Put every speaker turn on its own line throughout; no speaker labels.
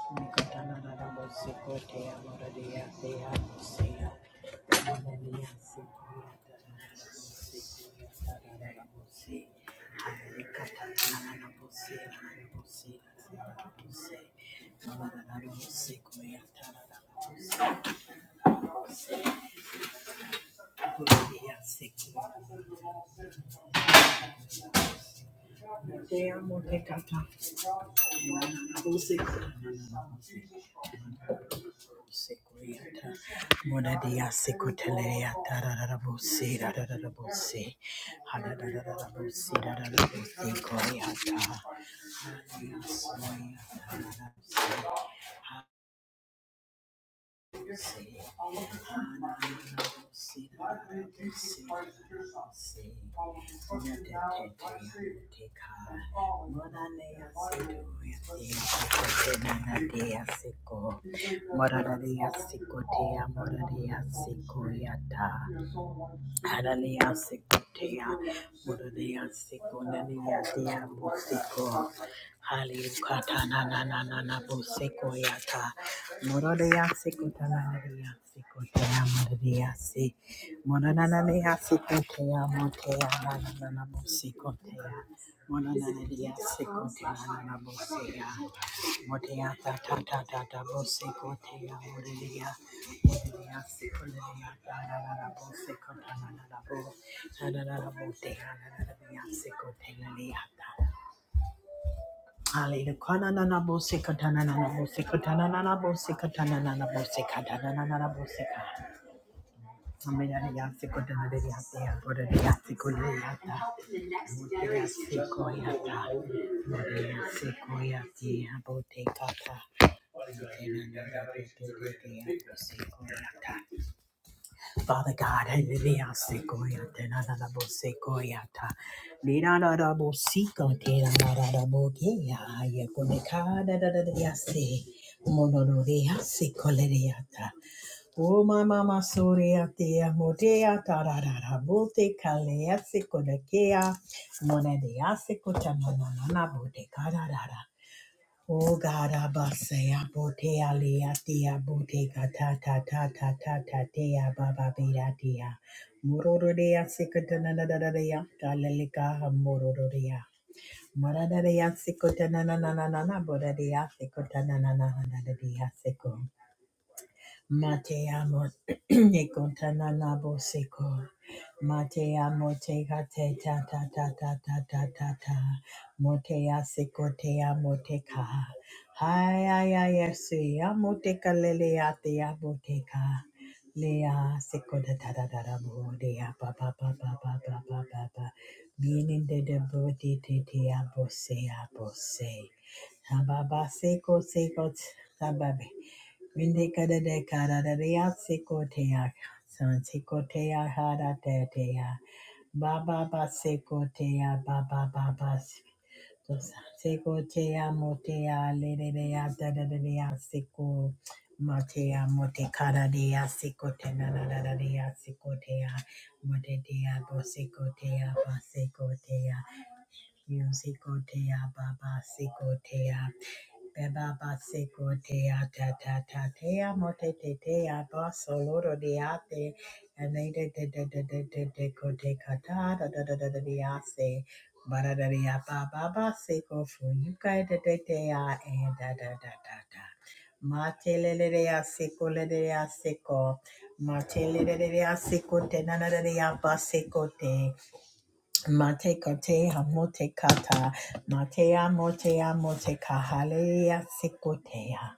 Thank you. Sekuyata, Modadia Sekutelea, Tararabusi, Radabusi, Hadadabusi, Radabusi, Koyata, Morariasiko tea morariasiko yata Hallelujah, Sikotea, Mordea, Sikonania, Dia, Bosiko, Hallelujah, Katana, Nanana, Bosiko, Yata, Mordea, Sikotana, Sikotea, Mordea, Si, Moranania, Sikotea, Motea, Nanana, Bosikotea, Moranania, Sikotea, Nanana, Bosea. Motea ta ta ta ta ta bose kotea morelia morelia se korea ta la la la bose kota la la la bo la la la la motea la la la mia se kotea lia ta Hallelujah. Kana na na bose kota na na na bose kota na na na bose kota na na na bose kota na na na na bose kota. Amina ya se kota na lia te ya bora ya se korea ta motea se korea ta morea se korea te ya bote kota. Father God, hallelujah, sequoia, tenada bo ta, nina da da bo seco, tina da da da bo ye coneca da da da da ya se, monoria secoleriata, o mama masoria tea, motea, ta da da da bo te calea seconekea, monedia secota, no no no no, bo te cara. Oh God, Abasaya, Botea, Leatia, Botega, ta ta ta ta ta ta tea, baba, beatia. Mororodea, Sicotanadadea, Galilica, Mororodea. Maradadea, Sicotanananana, Boradea, Sicotananana, Dadea, Sico. Mate amo ne contana nabo seco. Mate amo te gate ta ta ta ta ta ta ta ta. Mote a seco te amo te ka. Hai ai ai ese amo te kalele a te amo te ka. Lea seco da da da da da bo de a pa pa pa pa pa pa pa pa pa. Meaning de de bo de te te abo se abo se. Ababa seco seco. tababe. Rinde kada de kada da dea seko tea. San seko tea hara te tea. Ba ba ba seko tea ba ba ba ba. seko tea mo tea le de dea da da da dea seko. Ma tea mo te kada dea seko te na na na na dea seko tea. Mo te dea bo seko tea ba seko tea. Music tea ba ba seko tea. Beba basiko te a ta ta ta te a mo te tea te a baso loro de a te and they de de de de de de de ko te ka ta da da da da da de a bara da de apa baba seko fu you kai de de te a e da da da da da ma te le le de a ko le de a se ko ma te le le de de ko te na na de apa seko te Mate kote hamote kata, matea motea mote kahalea sekotea.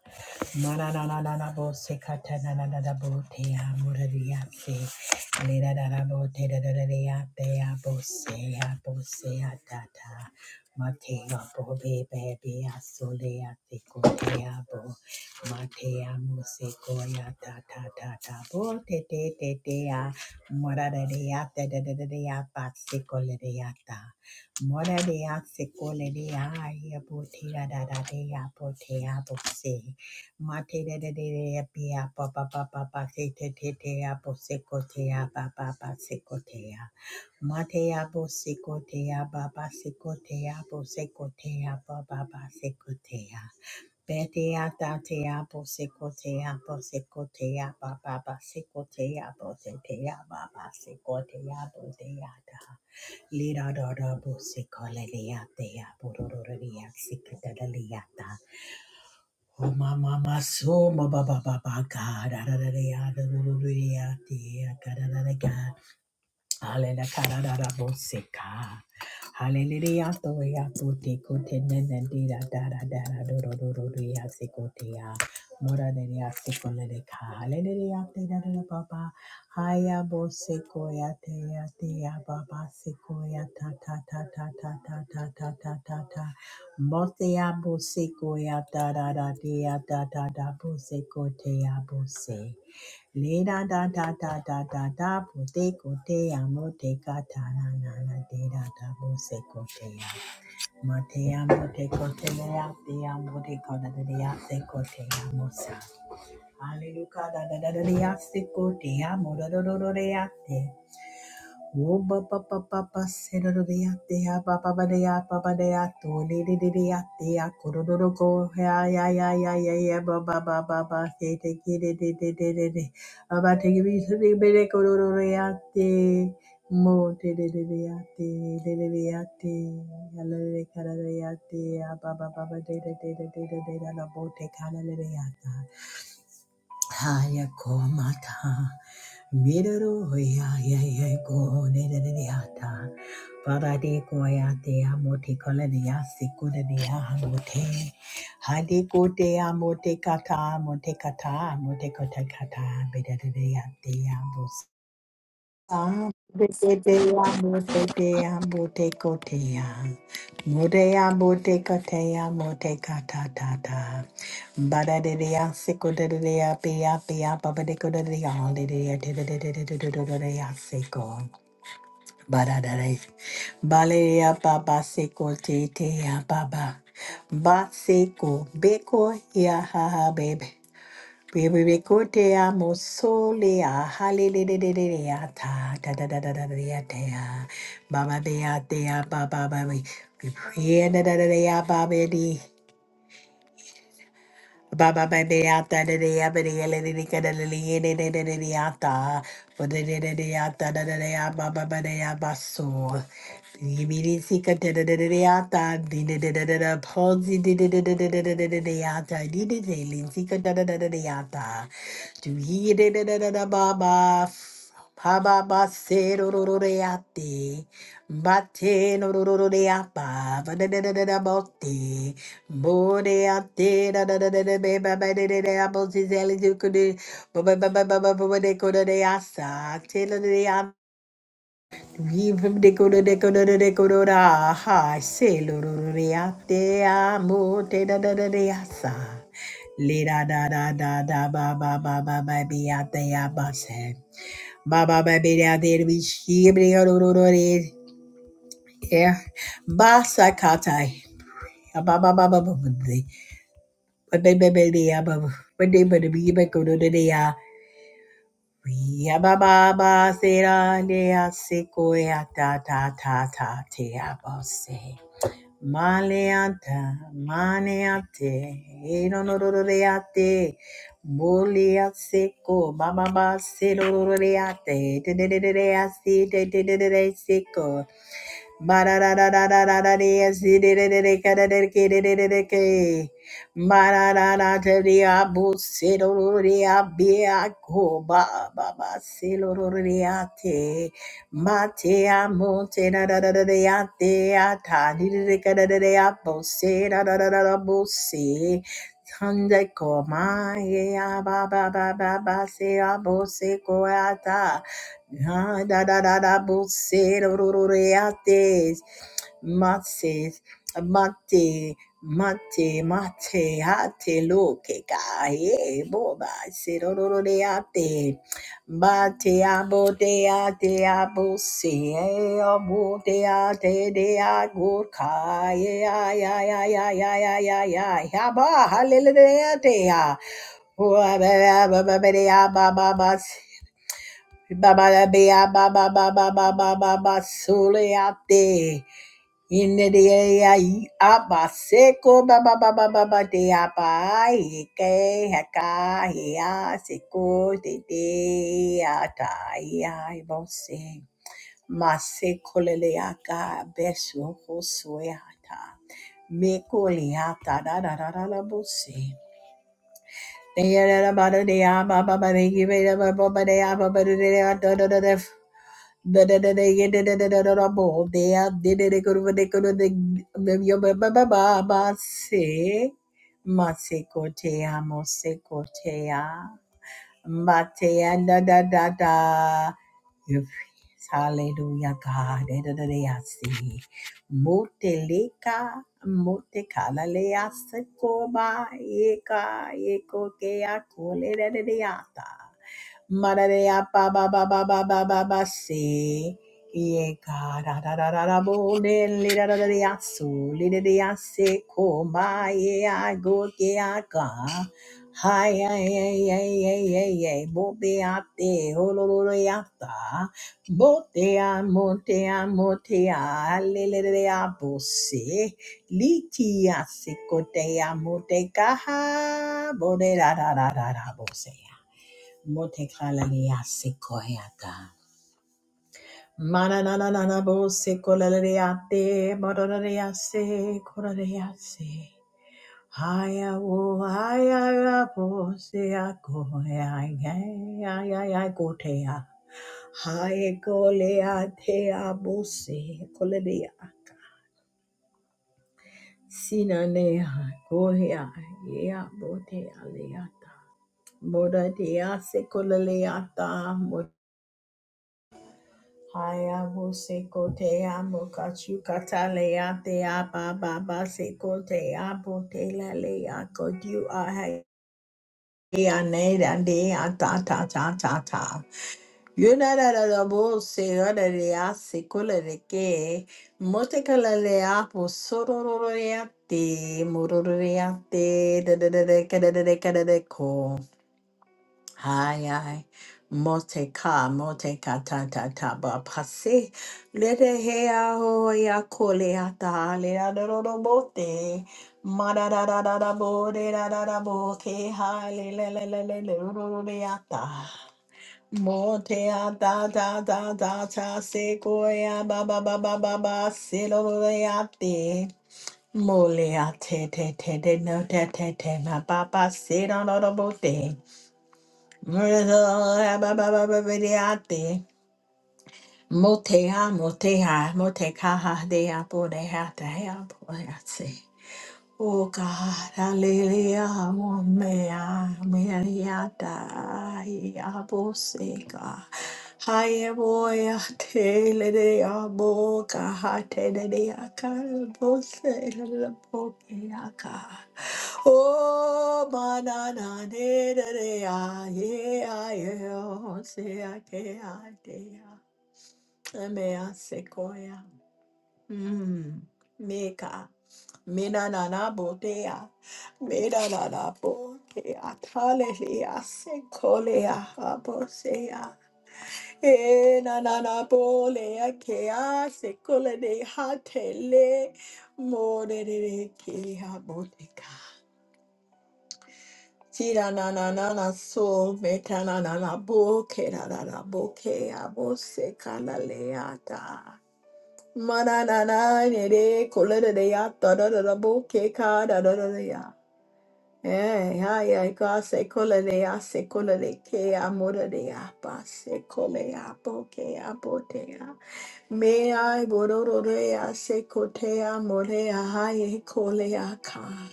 Mana na na na na bo sekata na na na na bo tea muraria se. Lera na na bo te da da da dea dea bo sea bo sea da da. Matea bo be be be a solea sekotea bo. Matea mo sekoya da da da da bo te te te dea. Moradiata da da da da ya pasicoladiata. Moradia secoladia yabotia da da da ya potea boxe. Mate da da da da pia papa papa pate te te te ya posecotea papa pasecotea. Matea bosecotea papa secotea bosecotea papa pasecotea. Betea tatea bosecotea bosecotea baba basecotea bosetea baba secotea boseata. Lira dora bosecolea tea bororia sicataliata. Oh mama maso baba baba baba cara da da da. da da da da da da da da da da da Hallelujah. karara boseka. Hallelujah. to ya to te ko te ne ne de da tuti kote nene dira dara dara doro doro ria sikotea. Mora deria sikole de ka. Hallelujah. Te da da da baba. Haya bo sekoya te ya te ya baba sekoya ta ta ta ta ta ta ta ta ta ta ta. Mote ya bo sekoya da da da te ya da da da bo sekote ya bo se. Le da da da da da da da bo de go de amo de ga ta na na na de da da bo se go de ya ma te amo de go de le ya te amo de go da da de ya se go de ya mo sa Hallelujah da da da da de ya se go de ya mo da da da da de ya Wo ba ba ba ba ba se do do de ya de ya ba ba ba de ya ba ba de ya do de de de de ya de ya ko do do do go ya ya ya ya ya ya ba ba ba ba ba se de ki de de de de de de ba ba te ki bi se de be de ko do do de ya de mo de de de de ya de de de de ya de ya le de ka de ya de ya ba ba ba ba de de de de de de de la bo te ka la le de ya Haya komata, miruru ya ya ya go ne ne ne ne ata, paradi koya te amote kolani ya sikuna ne ne ya amote, hadi kote amote kata amote kata amote kota kata beda ne ne ya te amos. Sam Buddhaya Muteya Mutekoteya Mudeya Mutekoteya Mutekatata Badadeya Sikodeya Pia Pia Papadekodeya Deya Deya Deya Siko Badadare Baleya Papa Siko Teya Baba Basiko Beko Ya Haha Baby Bibikotea mosolea, halelelelelea, ta da da da da da da da, baba dea dea baba baby. We we pray da da da da ya baba Baba baby out da da da ba da da da da da da da da da da da da ba da da da da da da da da ba ba ba da ya ba so yibiri sika da da da da da da di da da da da da palsy di da da da da da da da da da da di da da lin sika da da da da da da do he da da da da da ba ba ba ba ba se ro ro ro Bate no ro ro ro de apa, ba da da da da da bote, bo de ate da da da da da be ba ba de de de abo zizeli zukudu, ba ba ba ba ba ba ba ba de kodo de asa, te lo de am, vivim de kodo de kodo de de kodo da, ha, se lo ro ro de ate amo te da da da de asa, le da da da da da ba ba ba ba ba be ate ya ba se. ba ba ba be da, baby out there be she yeah. Ba sakatai. Ba ba ba ba ba ba ba. Ba ba ba ba ba ba ba. Ba ba ba ba ba ba ba ba ba. We ba ba ba se ra le a se ko e a ta ta ta ta te a ba se. Ma le a ta ma ne a te e no no ro ro re a te. Mo le a se ko ba ba ba se ro ro ro re a te te te te te re a si te te te te re se ko. Tande ko ma ye ya ba ba ba ba ba se ya bo se ko ya ta. Ah, da da da da bo se ro ro ro re a te mate mate mate mate a te lo che cae bo ba se ro ro ro re a te mate a bo te a te a bo se e a bo te a te de a gur cae a ya ya ya ya ya ya ya ya ba hallelujah te a ba ba ba ba ba ba ba ba Ba-ba-da-ba-ya, ba-ba-ba-ba-ba-ba-ba, soleate. Inedea i aba seko ba ba ba ba ba ba de aba ike heka hea seko de de ata ia i bo lele aka beso ho soyata me ko le ata da da da da da bo se de ya da da ba da de ya ba ba ba de ki be da da da da Da da da da da da da da da da da bo. They are de de de kuru de kuru de de yo ba ba ba ba ba se. Ma se kotea mo se kotea. Ma te a da da da da. Your praise. Hallelujah, God. Da da da da si. Moteleka motekala lea se koba eka eko kea kole da da da ya ta. Mararia ba ba ba ba ba ba ba ba se. Ye ga da da da da da bo de li da da da da su li da da se ko ma ye a go ke a ka, Hi ya ya ya ya ya ya bo be a te ho lo lo lo ya ta. Bo te a mo te a mo te a le le le le a bo se. Li ti a se ko te a mo te ka ha bo de da da da da da bo se. Motekalalia sequoiata. Manananabo sequolariate, modorease, cororease. Haya wo, haya wo, sea coya, ya gotea. Haya golea te abuse, colaria. Sinanea, goya, yea, botea leata. Modatea secolaleata, Haya wo se ko te amo kachu katalea te apa baba se ko te apo te la lea ko you hai ya ne da de a ta ta ta ta ta Yuna na da da da bo se o da de a se ko de ke mo te la le a po so ro ro ro re a te mo ro te da da da de ka da da de ka da de ko Ay, ay, mote ka, mote ka ta ta ta ba pase. Lete hea ho ya kole ata le da da da da bote. Ma da da da da da bo de da da da bo ke ha le le le le le le ro ro ro de ata. Mote ata ta ta ta ta ta se ko ya ba ba ba ba ba ba se lo lo le ate. Mole ate te te te te no te te te ma ba ba se da da da bote. Murderate, motea, motea, motecaha dea podea dea podeate. Oh God, hallelujah, mea, meata, abosega. Haye boya tele de aboca, hate de deaca, bose, la boca. Oh, banana, de de de, ah, yeah, yeah, oh, say, I can, I can, I may, I koya, mm, meka, mina na na botea, mina na na botea, talelia, se kolea, abosea, e na na na bolea, kea, se kole de hatele, more de de, kea, boteka. Tira na na na na so meta na na na bo ke na na na bo ke a bo se kana le Mana na na ne de kola de de ata da da da bo ke ka da da da da ya. Eh, ay, ay, ka se kola de ya se kola de ke a mora de ya pa se kola ya bo ke a bo te ya. Me ay bororo de ya se kote a more a ay kola ya ka.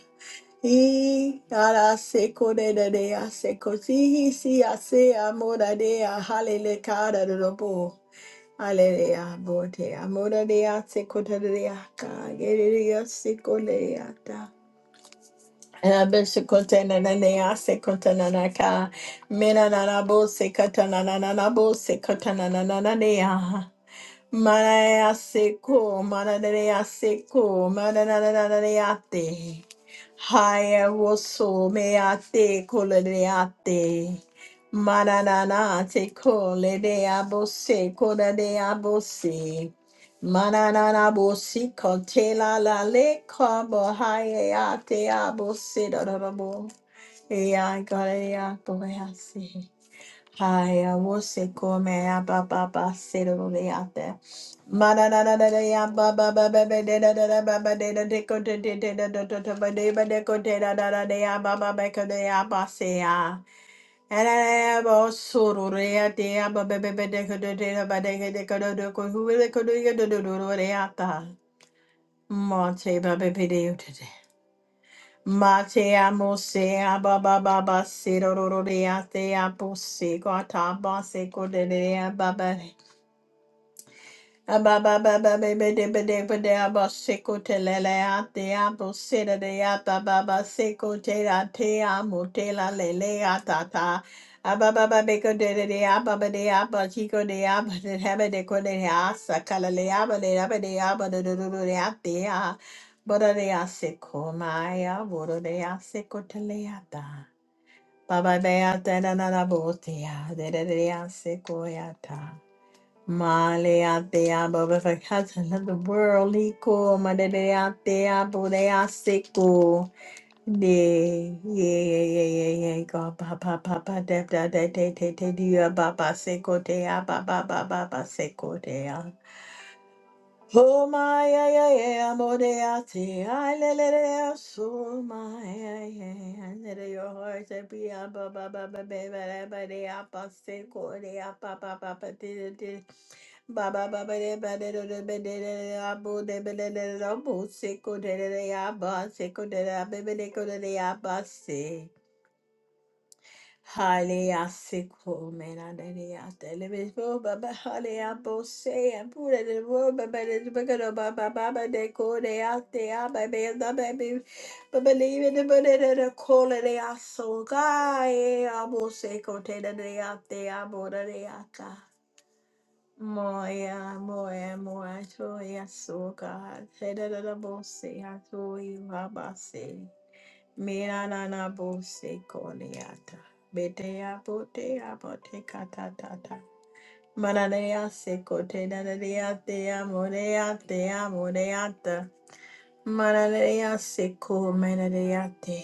He ara se kore de de a se kosi si a se amora de a halele kara robo aleluya bote amora de a se kota de a ka gerere a se kole a ta and I se kota na na ne a se kota na na ka mena na na bo se kota na na na na bo se kota na na na na ne a Manaya seko, mananaya seko, mananananayate. Haya woso meate koleneate. Manananate kolenea bose kolenea bose. Mananana bosi kotela la le kabo hayate abose da da da bo. Ea galeya boyase. Haya wose kome ya ba ba ba sero le ate. Mana na na na na ya ba ba ba ba ba de da da da ba ba de da de ko de de de da da da da ba de ba de ko de da da da de ya ba ba ba ko de ya ba se ya. Ana na ya ba soro re ya de ya ba ba ba ba de ko de de da ba de ko de ko de ko hu le ko de ya do do do re ya ta. Mo ba ba ba de yo Mate amo se aba ba ba ba se ro ro ro re a te apo se ko ta ba se ko de de a ba ba Baba beata na na na botia, de de de ya sequoia Maleatea Babakata, the world, Liko, Madeleatea, Bodea Seko, De, Ye, Ye, Ye, Ye, Go, Papa, Papa, Debda, De, De, De, De, Dia, Baba, Seko, Dea, Baba, Baba, Baba, Seko, Oh my yeah yeah yeah modeate I let it so my yeah yeah and let your heart to be a ba ba ba ba ba ba ba ba ba ba say de a ba ba ba de de ba ba ba ba de ba de de de de de de a de de de de a bo say de de de a ba say go de de de go de de a ba Hallelujah, sickle, man, I did it out there. Let me go, ba, ba, hallelujah, bo, say, I put it in the world, ba, ba, da, da, ba, ga, go, da, out there, ah, ba, ba, da, ba, ba, believe in the ba, da, da, call it out, so, ga, eh, ah, say, go, da, out there, ah, bo, da, da, Moya, moya, moya, to so, God. Da, da, da, da, I told you, ah, Mira nana bose koniata. Betea potea poteca tatata. Mananea secote nananea tea monea tea moneata. Mananea se ko? menaneate.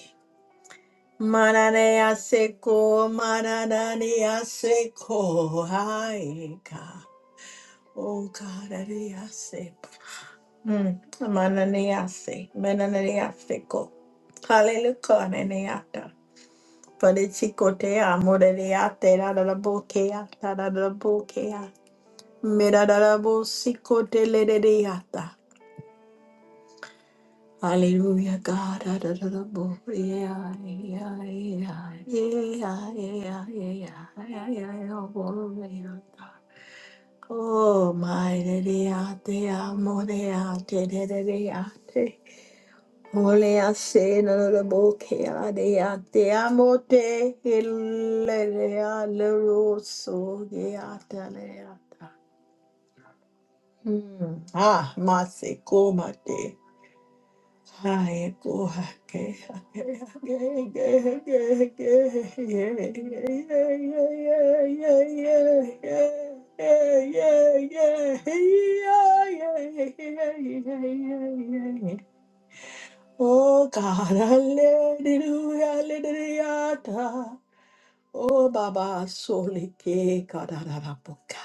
Mananea seco mananea seco. Hi, God. Oh, God, ananea se. Mm. Mananea se. Mananea seco. Hallelujah, neneata. Parechikotea, Morelia, Terabokea, Tarabokea, Mirabosikote Lerediata. Hallelujah, God. Adorable. Yeah, yeah, yeah, yeah, yeah, yeah, yeah, yeah, oh, yeah, God. Oh, my, Lady, de there, more, out there, Ole ase no le boke a de a te amo te ele le a le rosso de a te le a ta. Hmm. Ah, ma se coma te. Ai, coja que que, que, que, que, que, Oh God, hallelujah, hallelujah. da. Oh Baba, sole ke kararaboka.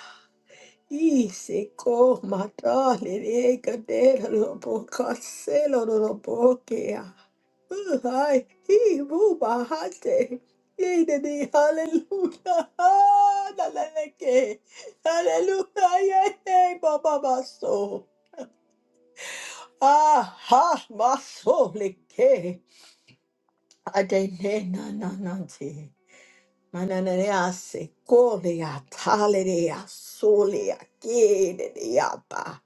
Ise ko mata lere kadera loboka selo lobokea. Hi, hi, buba hate. Yay, daddy, hallelujah. Ah, la la la ke. Hallelujah, yay, baba baso. Ah, ha, maso le Adene na na na te. Mananea se kolea talea solea kedea ba.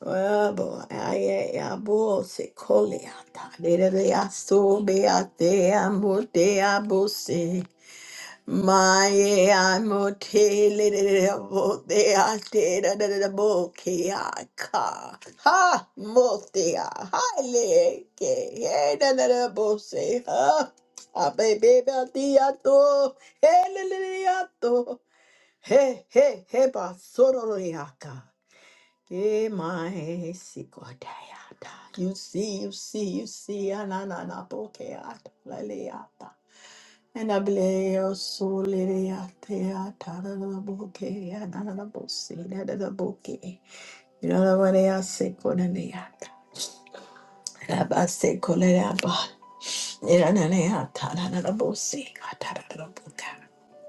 Abo aye abo se kolea talea solea te amo te abo se. Mae amo te le le le le mo te a te da da na na mo ke a ka ha mo te a ha le ke he da da da mo se ha a be be be a ti a to he le le le a to he he he ba soro ro ro e a ka ke mai si ko te a ta you see you see you see a na na na mo ke a ta la le a ta Enableo solerea tea tarara boke anana bose nana boke irana marea seko naneata raba seko leraba irana neata nana bose tarara boka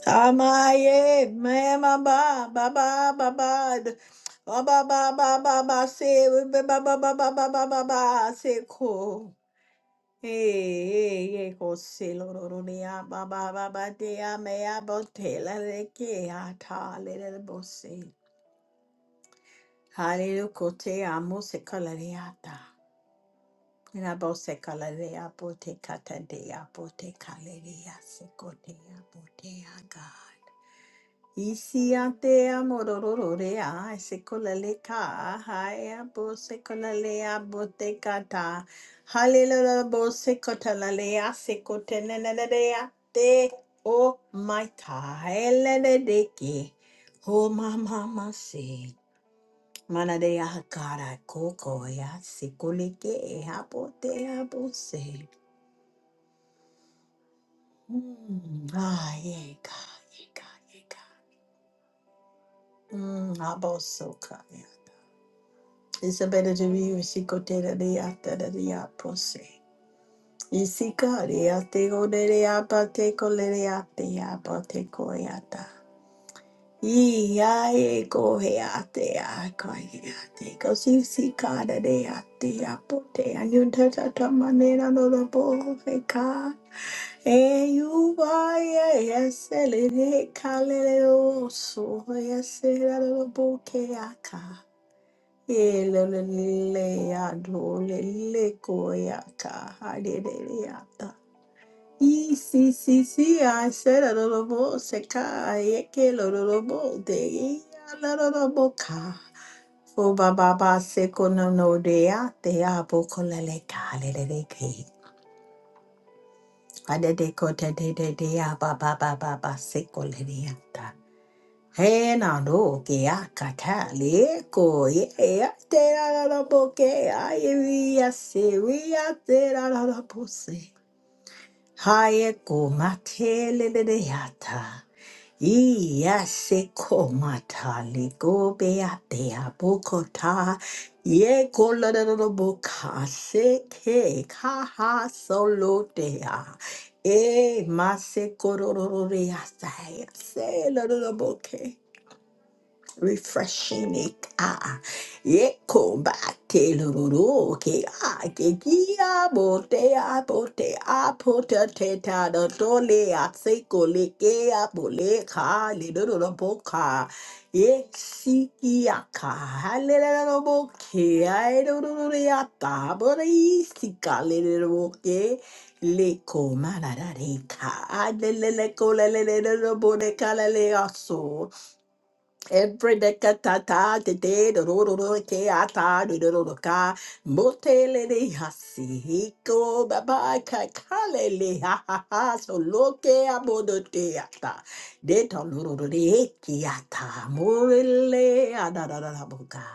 amaye mama ba ba ba ba ba ba ba ba ba ba ba se ba ba ba ba ba ba ba ba seko Hey, hey, Jose, Loronia, Baba, Baba, Dea, Mea, Botella, Rekea, Ta, Little Bose. Hallelujah, Cotea, Musicalariata. And I both say Calaria, Bote, Catadea, Bote, Caleria, Secotea, Botea, God. Isiatea morororea, secolaleka, haya bo secolalea botecata, hallelujah bo secotalalea, secotenenea te o maita, elenedeke, o mamma se, manadea cara coco ya, secolike, hapotea bo se. Mm, ah, yega, yega, yega. Mm, abosoka, yeka. Isabella de Rio, Isicotera de Ata de Apose. Isica de Atego de Apateco de Ate Apateco Yata. Iae coheate a coheate, cosi si cara de ate apote, anuntata tamanera no lo boveca. E you vai e essere de calere osso, e essere lo boceaca. Si si si I said a little more seka yeke little more de a little more ka fo ba ba ba seko no no de a de a boko lele ka lele de ke a de de ko de de de de a ba ba ba ba ba Hey Nando, que akatale ko ye a te la la boke aye we are se we are te la la la pose. Haye ko matele de de yata. Iya se ko matale go be a te a bo ko abokota. Ye ko la la la la boka se ke kaha solo te a e E ma se ko ro ro ro re ya sa ya se la la la bo ke refreshing it ah yeko bate lororo ke ah ke kia bote a bote a pota te ta do tole a se le ke a bole ka le do do do bo ka ye si ki a ka ha le le do bo ke a e do do do re a ta bo re i si ka le le do bo ke le ko ma la ra re ka a le le le ko le le le do do bo re ka le le a so Every decatata de de do do do do ke ata do do do do ka motele de hasi hiko baba ka kale le ha ha ha so loke abodo te ata de to do do do de ki ata morele ada da da da boka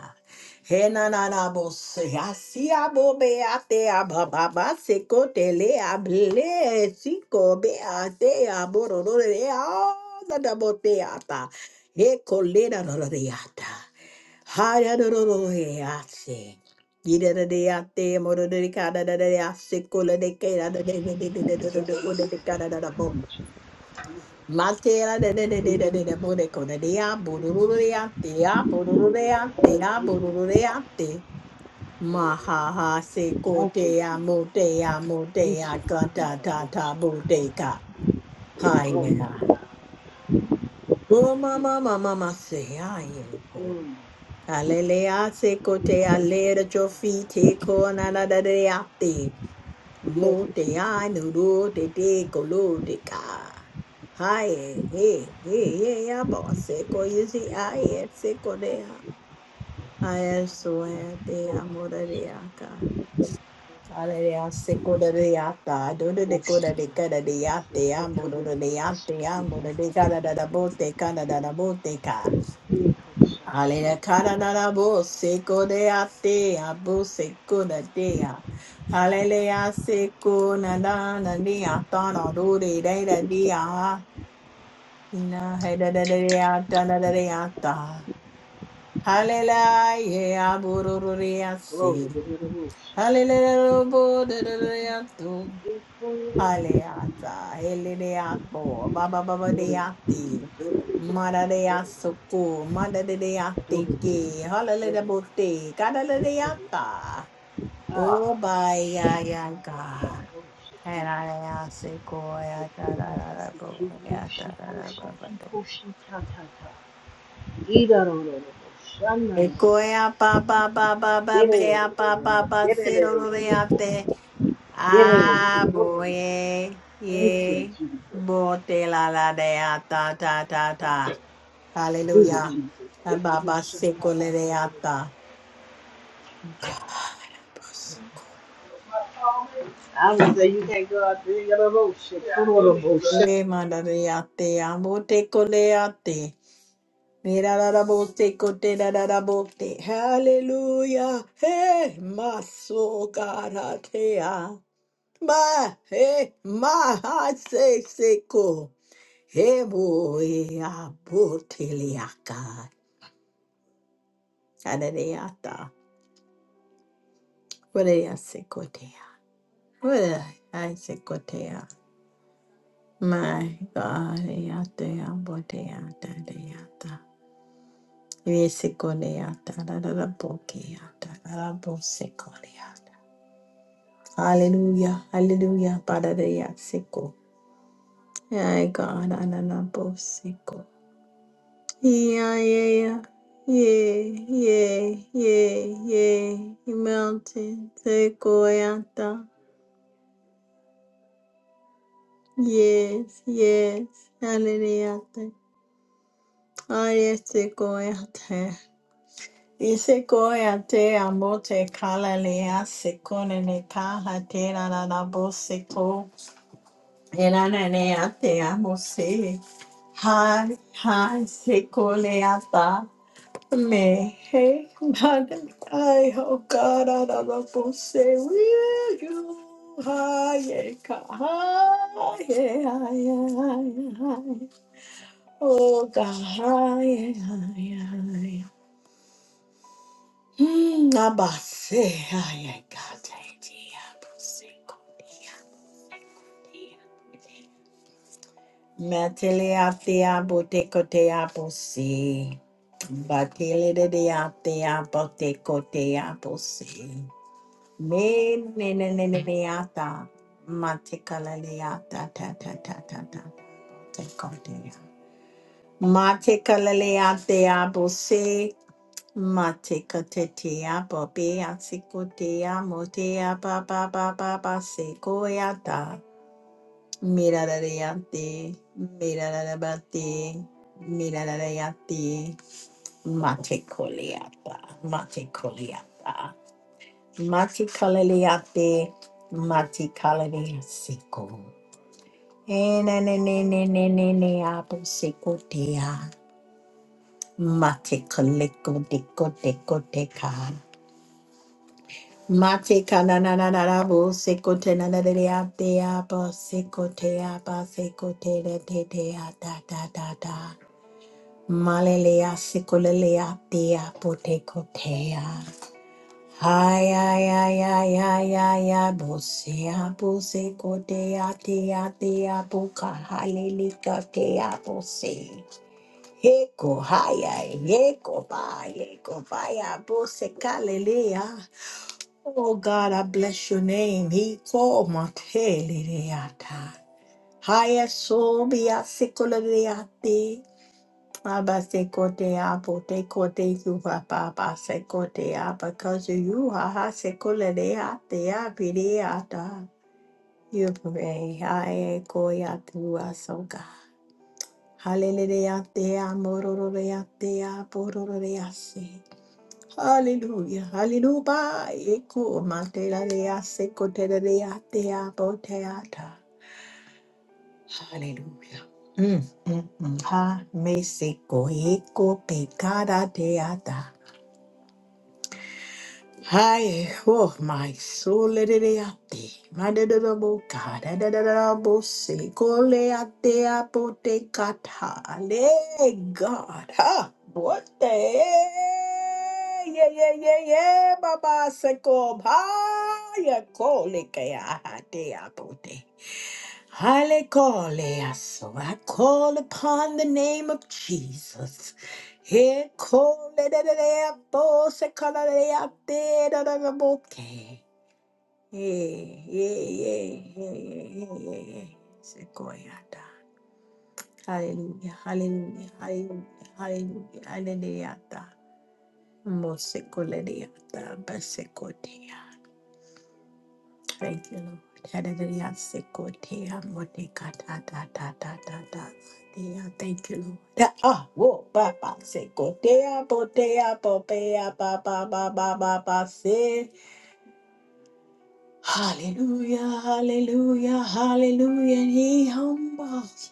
he na na na bo se hasi abo be ate ababa ba se ko tele able si ko be ate aboro do de a da da bo te ata Ecolera rororiata. Haya rororiate. Ida da deate, moro de cada da dease, cola de cada da de de de de de de de de cada da bo. Matera de de de de
Thank you,
de de de bo de coda dea, bururureate, a bururureate, a bururureate. Mahaha se cotea,
Jesus.
motea,
We
motea,
shall
cata
the
tata, boteca.
Glory to
Haya.
God.
Oh, mama, mama, mama, say,
Hallelujah. Mm.
Alelea secote alera chofite conanadadeate.
Yes, yes,
Mote
Jesus.
ai nuru de de kolo de ca. Hae, he, he, he, amo seco yuzi ai seco dea. I swear de amoreaca. Alelea seco de deata. Dodo de
Oh, shit.
coda de cada deate. Amo de deate. Amo de cada da bote, cada da bote ka. Hallelujah. Kararabo seko de ate, abu seko de dea. Hallelujah. Seko na da na dea, ta na do de de de dea. Na he da da da dea, ta da da dea ta. Hallelujah. Abu ro ro dea
Glory
se.
to
Hallelujah. bo da da da dea do.
the
Aleata, Heledeapo, Baba Baba
Thank
Deati, Mada Deasuku, Mada Deatiki, Hallelujah Bote, Kadala Deata, O Baya Yaga, and I ask Sequoia, Tarara, Ekoea pa pa pa pa pa bea pa pa pa seroreate a boe
you,
ye
Jesus.
bote la la dea ta ta ta ta
Do
hallelujah a
the
baba
Jesus.
secolereata God bless
I would say you can't go out there and get a little shit. put on a little
you.
shit.
e mandareate amote coleate mira la la bote cote la la la bote hallelujah hey maso caratea Ma, he ma, ha, se, se, ko. He, bo, e, a, bo, te, le, a, ka. A, da, de, ya, se, ko, te, a. What a, I, se, ko, My God, e, a, te, a, bo, te, a, ta, de, a, ta. E, se, ko, de, a, ta, da, da, da, bo, ke, a, ta, da, da, bo, se, Hallelujah, hallelujah, Padre Yasiko. My God, Ananabosiko. Yeah, yeah, yeah, yeah, yeah. yeah. Mountain, sequoia. Yes, yes. Hallelujah. Oh, yes, sequoia. Y sequoia te amo te calalea secone ne caja te la la la boseco. El ananea te amo se. Hi, hi, Seko secoleata. Me, hey, man, I, oh God, I love to say, will you? Hi, yeah, ka- hi, yeah, hi, yeah, hi, yeah, hi. Oh God, hi, yeah, hi, yeah, hi. Hmm, abase, hi, yeah, God, I dear, pussy, dear. Metele ate abote kote apose. Batele de de ate abote kote apose. Ne ne ne ne ne ne ata matekalale ata ta ta ta ta ta te kote ya matekalale ate abo se matekate te abo be asiko te amo te aba ba ba ba ba se koyata mirarare ate mirarare bate mirarare ate matekole ata matekole Mati kaleliate, mati kalelia siko. Enenenenenene apo siko dea. Mati kaleko deko deko deka. Mati kanananarabo siko te nanadeleate apo siko te apa siko te re te te a da da da da. Malelea siko lelea dea po te kotea. Ay, ay, ay, ay, ay, ay, ay, bosea, boseco, dea, dea, dea, boca, halilica, dea, bose. Eco, ay, ay, eco, bye, eco, bye, boseca, lelea. Oh God, I bless your name. He called my teleata. Highest soul, be a sickle, Abba se kote apo te kote kuha papa se kote apa kazu you ha ha se kole de ha te a pide ata. You pray ha e koya tua soga. Hallelujah te a mororo de a te a pororo de a se. Hallelujah, hallelujah. Eko matela de a se kote de a te a pote ata. Hallelujah. Mm, mm, mm. Ha me se koe ko pekara te ata. Hi, oh my soul, let it out there. My deadable God, I deadable say, call it out there, put it cut high. Hey, God, ha, what the hey, yeah, yeah, yeah, yeah, Baba Sakob, ha, ya call it, ya, ha, de, Hallelujah. So I call upon the name of Jesus. He called it a day of boss, a color day of dead, a day of a bouquet. Yeah, yeah, yeah, yeah, yeah, yeah, yeah, yeah. Sequoia. Hallelujah, hallelujah, hallelujah, hallelujah, hallelujah. Mosekoleata, basekotea. Thank you, Lord. Hallelujah. Sikotea monika ta ta ta ta ta ta. Tia. Thank you, Lord. Ta- Ah, whoa, Papa. ba. Sikotea, botea, bopea, ba ba ba ba ba ba. Se. Hallelujah, hallelujah, hallelujah. And he humbles.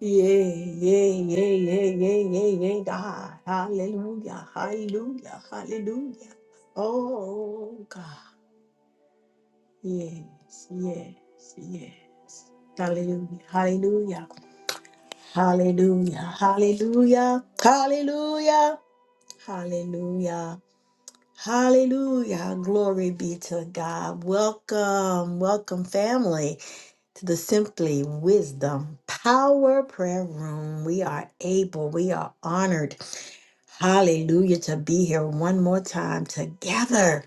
Yeah, yeah, yeah, yeah, yeah, yeah, yeah, God. Hallelujah, hallelujah, hallelujah. Oh, God. Yes, yes, yes. Hallelujah, hallelujah, hallelujah, hallelujah, hallelujah, hallelujah, hallelujah. Glory be to God. Welcome, welcome, family, to the Simply Wisdom Power Prayer Room. We are able, we are honored, hallelujah, to be here one more time together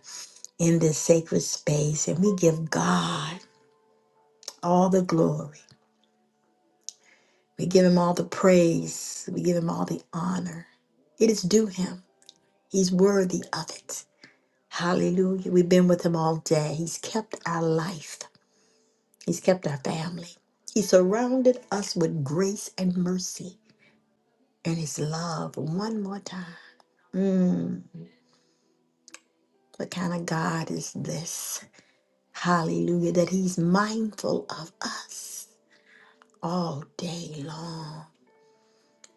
in this sacred space. And we give God all the glory We give him all the praise. We give him all the honor. It is due him. He's worthy of it. Hallelujah. We've been with him all day. He's kept our life, he's kept our family. He surrounded us with grace and mercy and his love one more time. Mm, what kind of God is this? Hallelujah. That he's mindful of us all day long.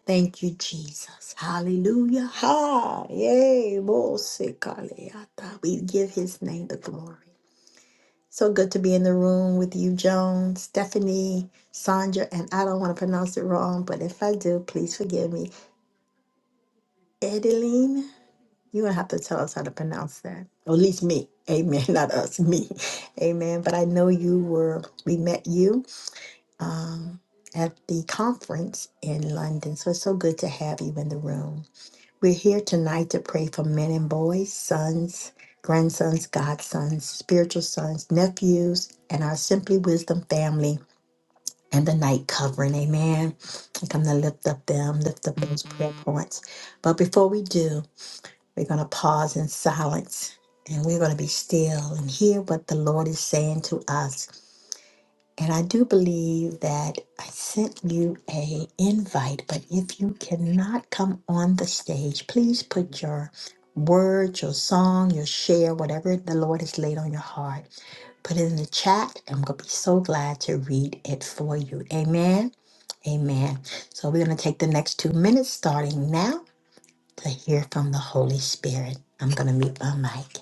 Thank you, Jesus. Hallelujah. Ha. Yay. Mosekaleata. We give his name the glory. So good to be in the room with you, Joan, Stephanie, Sandra, and I don't want to pronounce it wrong, but if I do, please forgive me. Edeline, you're going to have to tell us how to pronounce that. Or at least me. Amen. Not us, me. Amen. But I know you were, we met you. Um, at the conference in London. So it's so good to have you in the room. We're here tonight to pray for men and boys, sons, grandsons, godsons, spiritual sons, nephews, and our Simply Wisdom family and the night covering. Amen. I'm to lift up them, lift up those prayer points. But before we do, we're going to pause in silence and we're going to be still and hear what the Lord is saying to us and I do believe that I sent you a invite, but if you cannot come on the stage, please put your words, your song, your share, whatever the Lord has laid on your heart, put it in the chat. and I'm gonna be so glad to read it for you. Amen. Amen. So we're gonna take the next two minutes starting now to hear from the Holy Spirit. I'm gonna mute my mic.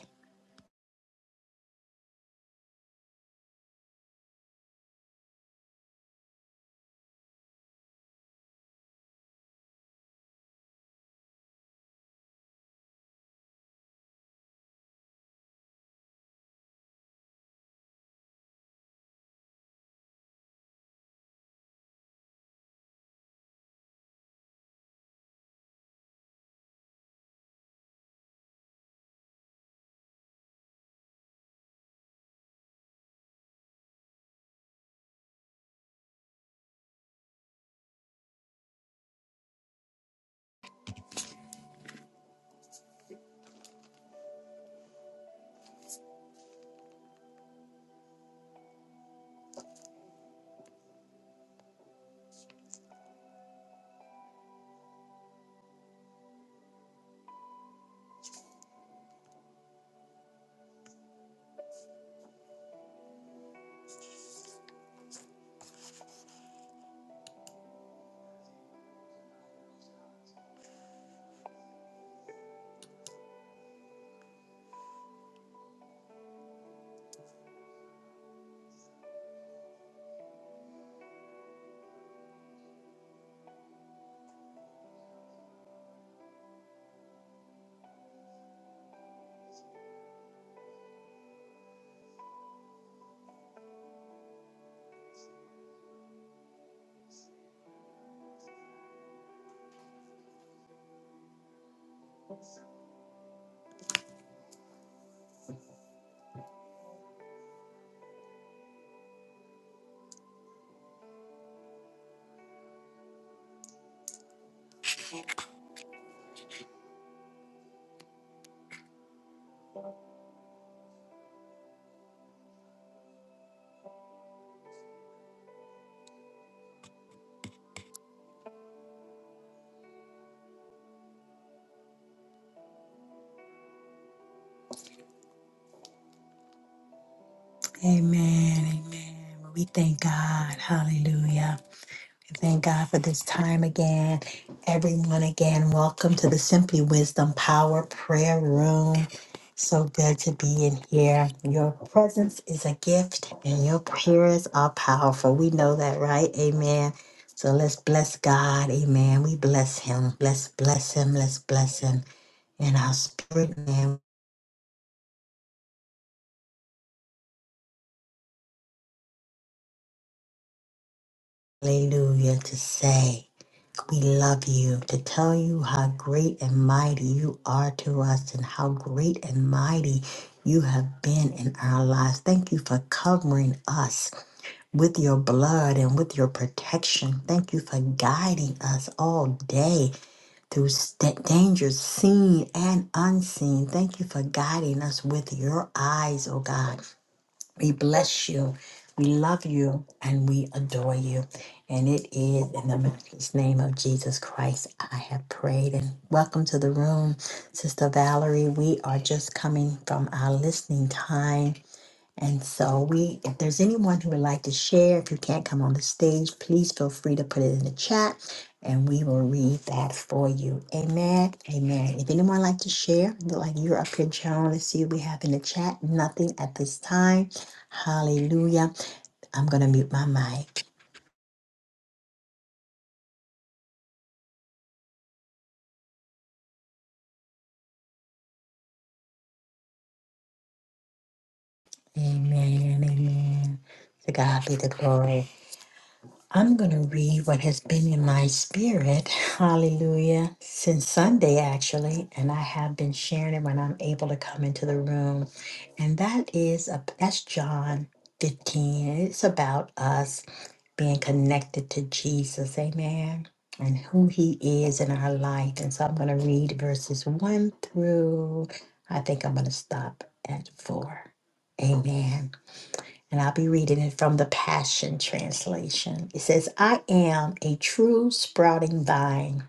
Amen. Amen. We thank God. Hallelujah. Thank God for this time again. Everyone, again, welcome to the Simply Wisdom Power Prayer Room. So good to be in here. Your presence is a gift, and your prayers are powerful. We know that, right? Amen. So let's bless God. Amen. We bless Him. Let's bless Him. Let's bless Him in our spirit, man. Hallelujah. To say, we love you, to tell you how great and mighty you are to us and how great and mighty you have been in our lives. Thank you for covering us with your blood and with your protection. Thank you for guiding us all day through st- dangers seen and unseen. Thank you for guiding us with your eyes, oh God. We bless you. We love you and we adore you. And it is in the matchless name of Jesus Christ I have prayed. And welcome to the room, Sister Valerie. We are just coming from our listening time and so we, if there's anyone who would like to share, if you can't come on the stage, please feel free to put it in the chat and we will read that for you. Amen. Amen. If anyone like to share, you're like you're up here, Joan, let's see what we have in the chat. Nothing at this time. Hallelujah. I'm going to mute my mic. Amen. Amen. To God be the glory. I'm going to read what has been in my spirit, hallelujah, since Sunday actually, and I have been sharing it when I'm able to come into the room. And that is a, that's John 15. and It's about us being connected to Jesus, amen, and who he is in our life. And so I'm going to read verses 1 through I think I'm going to stop at 4. Amen and I'll be reading it from the Passion Translation. It says, I am a true sprouting vine,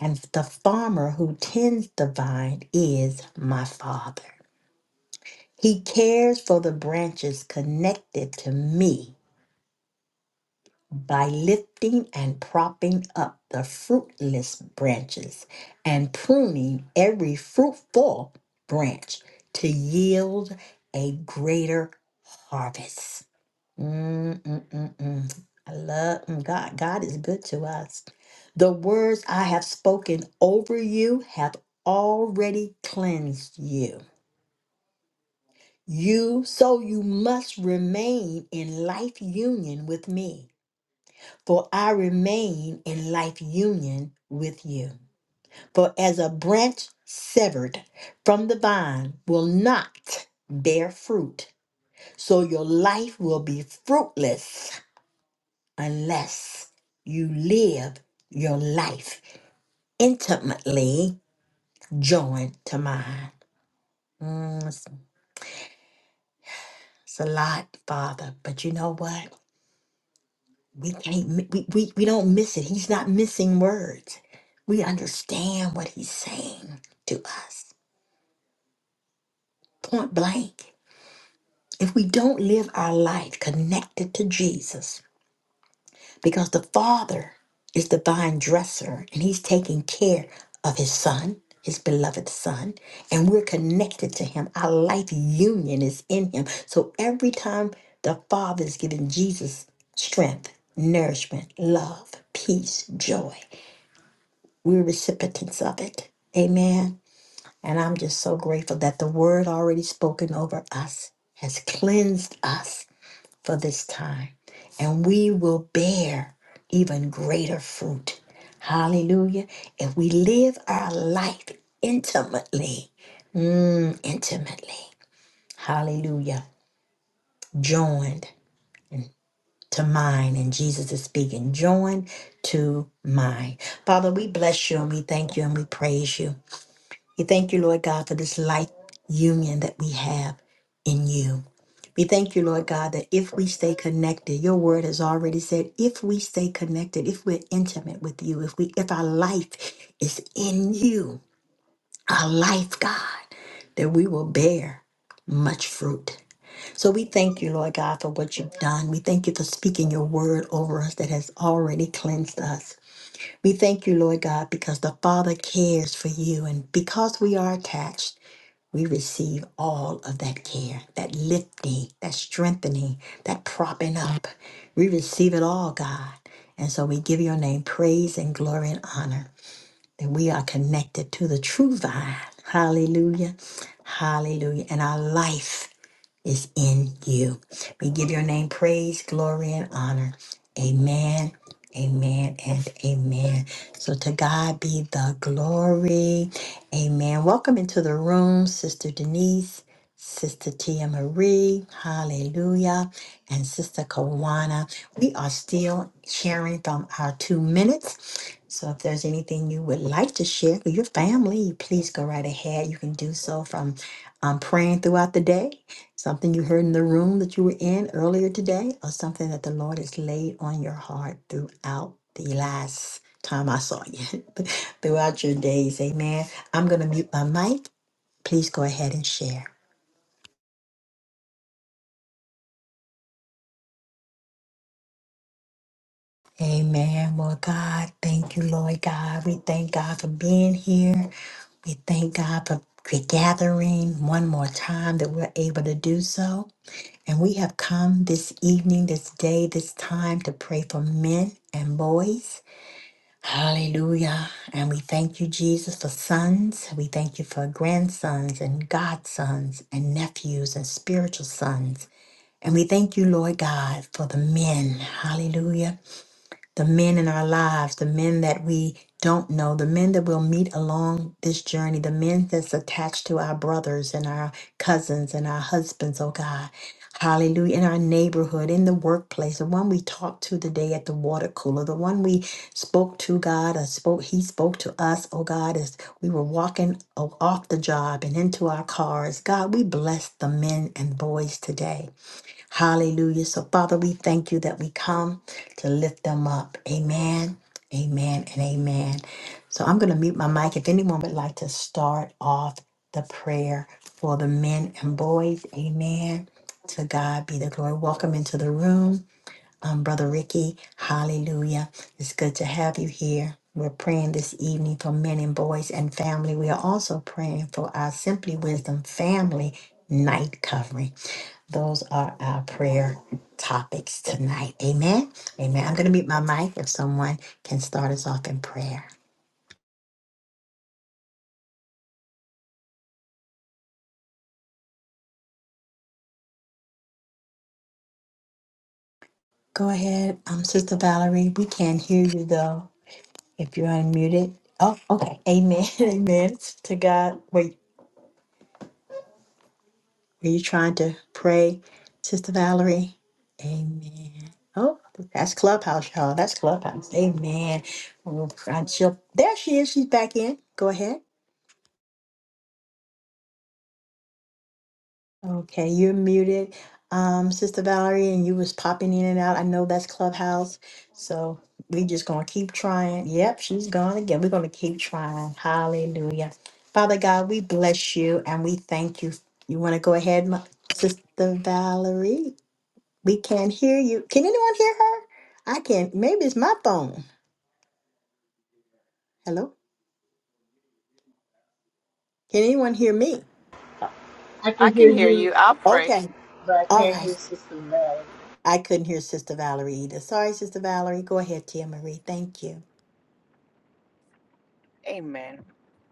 and the farmer who tends the vine is my father. He cares for the branches connected to me by lifting and propping up the fruitless branches and pruning every fruitful branch to yield a greater harvest. Mm, mm, mm, mm. I love mm, God. God is good to us. The words I have spoken over you have already cleansed you. You, so you must remain in life union with me, for I remain in life union with you. For as a branch severed from the vine will not bear fruit, so your life will be fruitless unless you live your life intimately joined to mine. Mm, it's, it's a lot, Father, but you know what? We can't. mi- We, we we don't miss it. He's not missing words. We understand what he's saying to us, point blank. If we don't live our life connected to Jesus, because the Father is the vine dresser and He's taking care of His Son, His beloved Son, and we're connected to Him. Our life union is in Him. So every time the Father is giving Jesus strength, nourishment, love, peace, joy, we're recipients of it. Amen. And I'm just so grateful that the word already spoken over us has cleansed us for this time, and we will bear even greater fruit. Hallelujah. If we live our life intimately, mm, intimately, hallelujah, joined to mine, and Jesus is speaking, joined to mine. Father, we bless you and we thank you and we praise you. We thank you, Lord God, for this life union that we have in you. We thank you, Lord God, that if we stay connected, your word has already said, if we stay connected, if we're intimate with you, if we if our life is in you, our life, God, that we will bear much fruit. So we thank you, Lord God, for what you've done. We thank you for speaking your word over us that has already cleansed us. We thank you, Lord God, because the Father cares for you. And because we are attached, we receive all of that care, that lifting, that strengthening, that propping up. We receive it all, God. And so we give your name praise and glory and honor that we are connected to the true vine. Hallelujah. Hallelujah. And our life is in you. We give your name praise, glory, and honor. Amen, amen, and amen. So to God be the glory. Amen. Welcome into the room, Sister Denise, Sister Tia Marie, hallelujah, and Sister Kawana. We are still sharing from our two minutes. So if there's anything you would like to share with your family, please go right ahead. You can do so from um, praying throughout the day something you heard in the room that you were in earlier today, or something that the Lord has laid on your heart throughout the last time I saw you, throughout your days. Amen. I'm going to mute my mic. Please go ahead and share. Amen. Well, God, thank you, Lord God. We thank God for being here. We thank God for gathering one more time that we're able to do so. And we have come this evening, this day, this time to pray for men and boys. Hallelujah. And we thank you, Jesus, for sons. We thank you for grandsons and godsons and nephews and spiritual sons. And we thank you, Lord God, for the men. Hallelujah the men in our lives, the men that we don't know, the men that we'll meet along this journey, the men that's attached to our brothers and our cousins and our husbands, oh God. Hallelujah. In our neighborhood, in the workplace, the one we talked to today at the water cooler, the one we spoke to God or spoke, he spoke to us, oh God, as we were walking o- off the job and into our cars. God, we bless the men and boys today. Hallelujah. So, Father, we thank you that we come to lift them up. Amen, amen, and amen. So, I'm going to mute my mic. If anyone would like to start off the prayer for the men and boys, amen. To God be the glory. Welcome into the room, um, Brother Ricky. Hallelujah. It's good to have you here. We're praying this evening for men and boys and family. We are also praying for our Simply Wisdom family night covering. Those are our prayer topics tonight. Amen. Amen. I'm going to mute my mic if someone can start us off in prayer. Go ahead, um, Sister Valerie. We can hear you though if you're unmuted. Oh, okay. Amen. Amen. To God. Were, were you trying to pray, Sister Valerie? Amen. Oh, that's Clubhouse, y'all. That's Clubhouse. Amen. We'll try and she'll- There she is. She's back in. Go ahead. Okay, you're muted, um, Sister Valerie, and you was popping in and out. I know that's Clubhouse, so we just gonna keep trying. Yep, she's gone again. We're gonna keep trying. Hallelujah. Father God, we bless you and we thank you. You want to go ahead, my, Sister Valerie? We can't hear you. Can anyone hear her? I can't. Maybe it's my phone. Hello? Can anyone hear me?
I
I
can
can
hear
hear
you,
you. I'll pray.
Okay.
but I
All
can't hear
right.
Sister Mary.
I couldn't hear Sister Valerie either. Sorry, Sister Valerie. Go ahead, Tia Marie. Thank you.
Amen.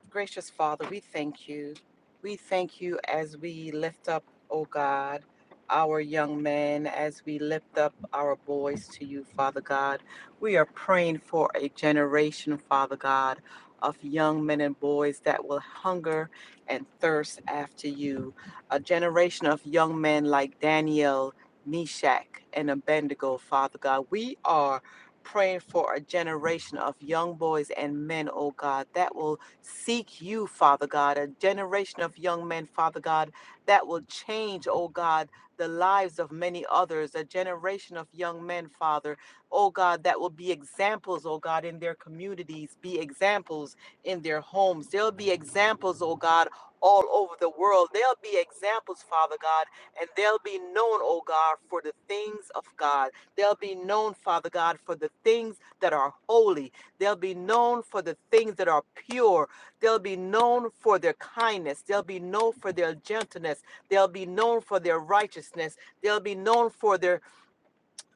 Gracious Father, we thank you. We thank you as we lift up, oh God, our young men, as we lift up our boys to you, Father God. We are praying for a generation, Father God, of young men and boys that will hunger and thirst after you. A generation of young men like Daniel, Meshach, and Abednego, Father God. We are praying for a generation of young boys and men, oh God, that will seek you, Father God, a generation of young men, Father God, that will change, oh God, the lives of many others, a generation of young men, Father, oh God, that will be examples, oh God, in their communities, be examples in their homes. There'll be examples, oh God, all over the world. There'll be examples, Father God, and they'll be known, oh God, for the things of God. They'll be known, Father God, for the things that are holy. They'll be known for the things that are pure. They'll be known for their kindness. They'll be known for their gentleness. They'll be known for their righteousness. They'll be known for their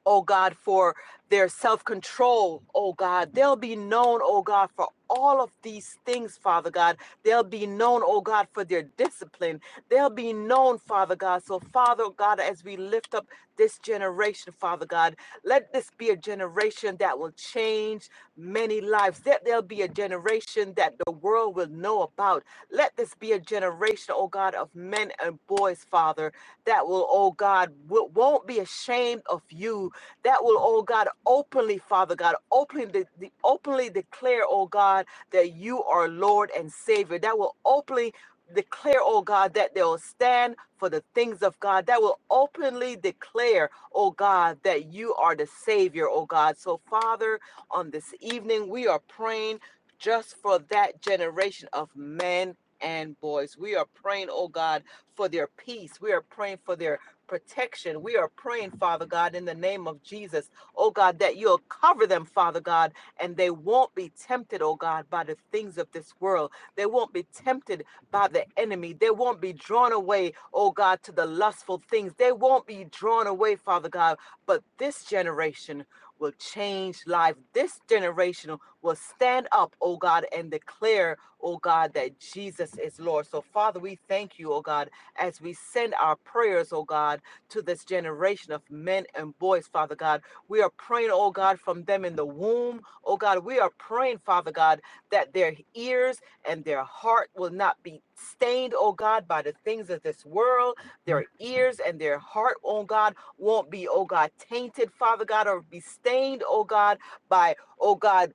oh God, for their self control, oh God. They'll be known, oh God, for all of these things, Father God. They'll be known, oh God, for their discipline. They'll be known, Father God. So, Father God, as we lift up this generation, Father God, let this be a generation that will change many lives. That there'll be a generation that the world will know about. Let this be a generation, oh God, of men and boys, Father, that will, oh God, won't be ashamed of you, that will, oh God, openly, Father God, openly, de- de- openly declare, oh God, that you are Lord and Savior. That will openly declare, oh God, that they'll stand for the things of God. That will openly declare, oh God, that you are the Savior, oh God. So, Father, on this evening, we are praying just for that generation of men and boys. We are praying, oh God, for their peace. We are praying for their protection. We are praying, Father God, in the name of Jesus, oh God, that you'll cover them, Father God, and they won't be tempted, oh God, by the things of this world. They won't be tempted by the enemy. They won't be drawn away, oh God, to the lustful things. They won't be drawn away, Father God, but this generation will change life. This generation will stand up, oh God, and declare, oh God, that Jesus is Lord. So, Father, we thank you, oh God as we send our prayers, oh God, to this generation of men and boys, Father God. We are praying, oh God, from them in the womb, oh God. We are praying, Father God, that their ears and their heart will not be stained, oh God, by the things of this world. Their ears and their heart, oh God, won't be, oh God, tainted, Father God, or be stained, oh God, by, oh God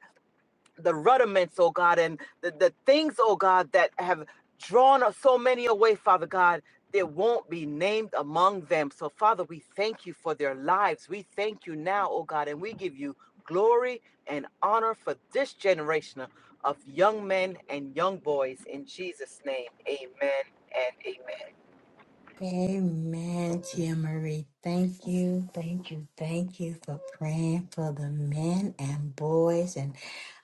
the rudiments, oh God, and the, the things, oh God, that have drawn us so many away, Father God, there won't be named among them. So, Father, we thank you for their lives. We thank you now, oh God, and we give you glory and honor for this generation of young men and young boys. In Jesus' name, amen and amen.
Amen, Tia Marie. Thank you, thank you, thank you for praying for the men and boys and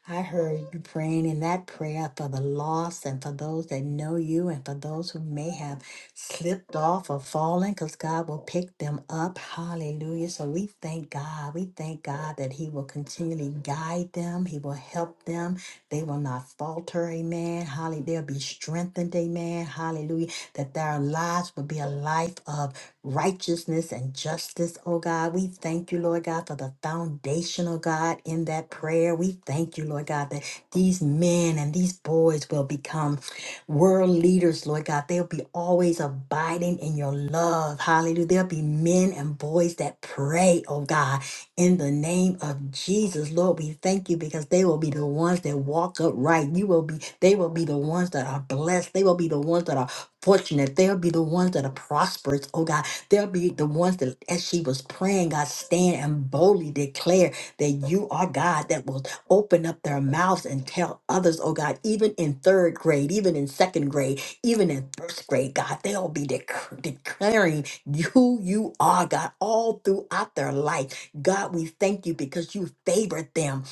I heard you praying in that prayer for the lost and for those that know you and for those who may have slipped off or fallen because God will pick them up. Hallelujah. So we thank God. We thank God that He will continually guide them, He will help them. They will not falter. Amen. Hallelujah. They'll be strengthened. Amen. Hallelujah. That their lives will be a life of righteousness and justice, oh God. We thank you, Lord God, for the foundational God in that prayer. We thank you, Lord God, that these men and these boys will become world leaders, Lord God. They'll be always abiding in your love. Hallelujah. There'll be men and boys that pray, oh God, in the name of Jesus. Lord, we thank you because they will be the ones that walk upright. You will be, they will be the ones that are blessed. They will be the ones that are fortunate. They'll be the ones that are prosperous, oh God. They'll be the ones that, as she was praying, God, stand and boldly declare that you are God that will open up their mouths and tell others, oh God, even in third grade, even in second grade, even in first grade, God, they'll be dec- declaring who you are, God, all throughout their life. God, we thank you because you favored them.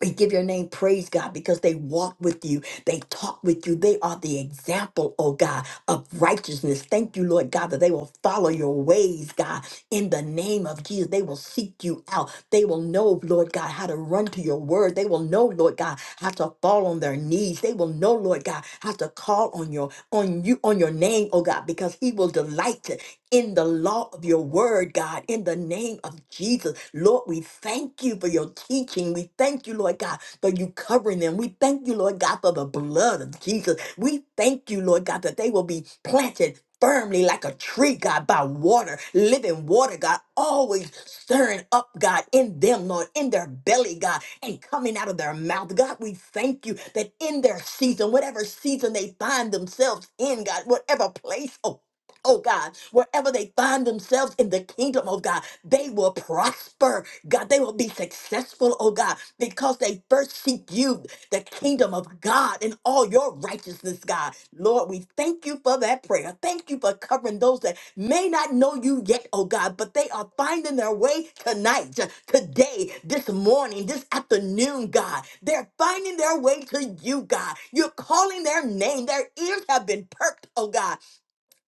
We give your name praise, God, because they walk with you. They talk with you. They are the example, oh God, of righteousness. Thank you, Lord God, that they will follow your ways, God. In the name of Jesus, they will seek you out. They will know, Lord God, how to run to your word. They will know, Lord God, how to fall on their knees. They will know, Lord God, how to call on your on you on your name, oh God, because he will delight in the law of your word, God, in the name of Jesus. Lord, we thank you for your teaching. We thank you, Lord God, for you covering them. We thank you, Lord God, for the blood of Jesus. We thank you, Lord God, that they will be planted. Firmly like a tree, God, by water, living water, God, always stirring up, God, in them, Lord, in their belly, God, and coming out of their mouth. God, we thank you that in their season, whatever season they find themselves in, God, whatever place, oh oh God, wherever they find themselves in the kingdom, oh God, they will prosper. God, they will be successful, oh God, because they first seek you, the kingdom of God, and all your righteousness, God. Lord, we thank you for that prayer. Thank you for covering those that may not know you yet, oh God, but they are finding their way tonight, t- today, this morning, this afternoon, God. They're finding their way to you, God. You're calling their name. Their ears have been perked, oh God.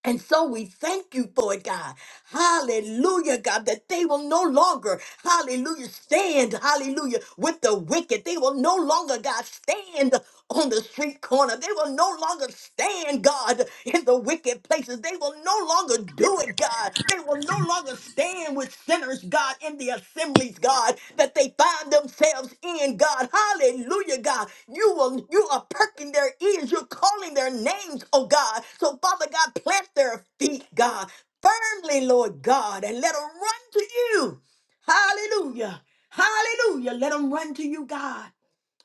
And so we thank you for it, God. Hallelujah, God, that they will no longer, hallelujah, stand, hallelujah, with the wicked. They will no longer, God, stand on the street corner. They will no longer stand, God, in the wicked places. They will no longer do it, God. They will no longer stand with sinners, God, in the assemblies, God, that they find themselves in, God. Hallelujah, God. You will you are perking their ears. You're calling their names, oh God. So, Father God, plant their feet, God firmly, Lord God, and let them run to you. Hallelujah. Hallelujah. Let them run to you, God.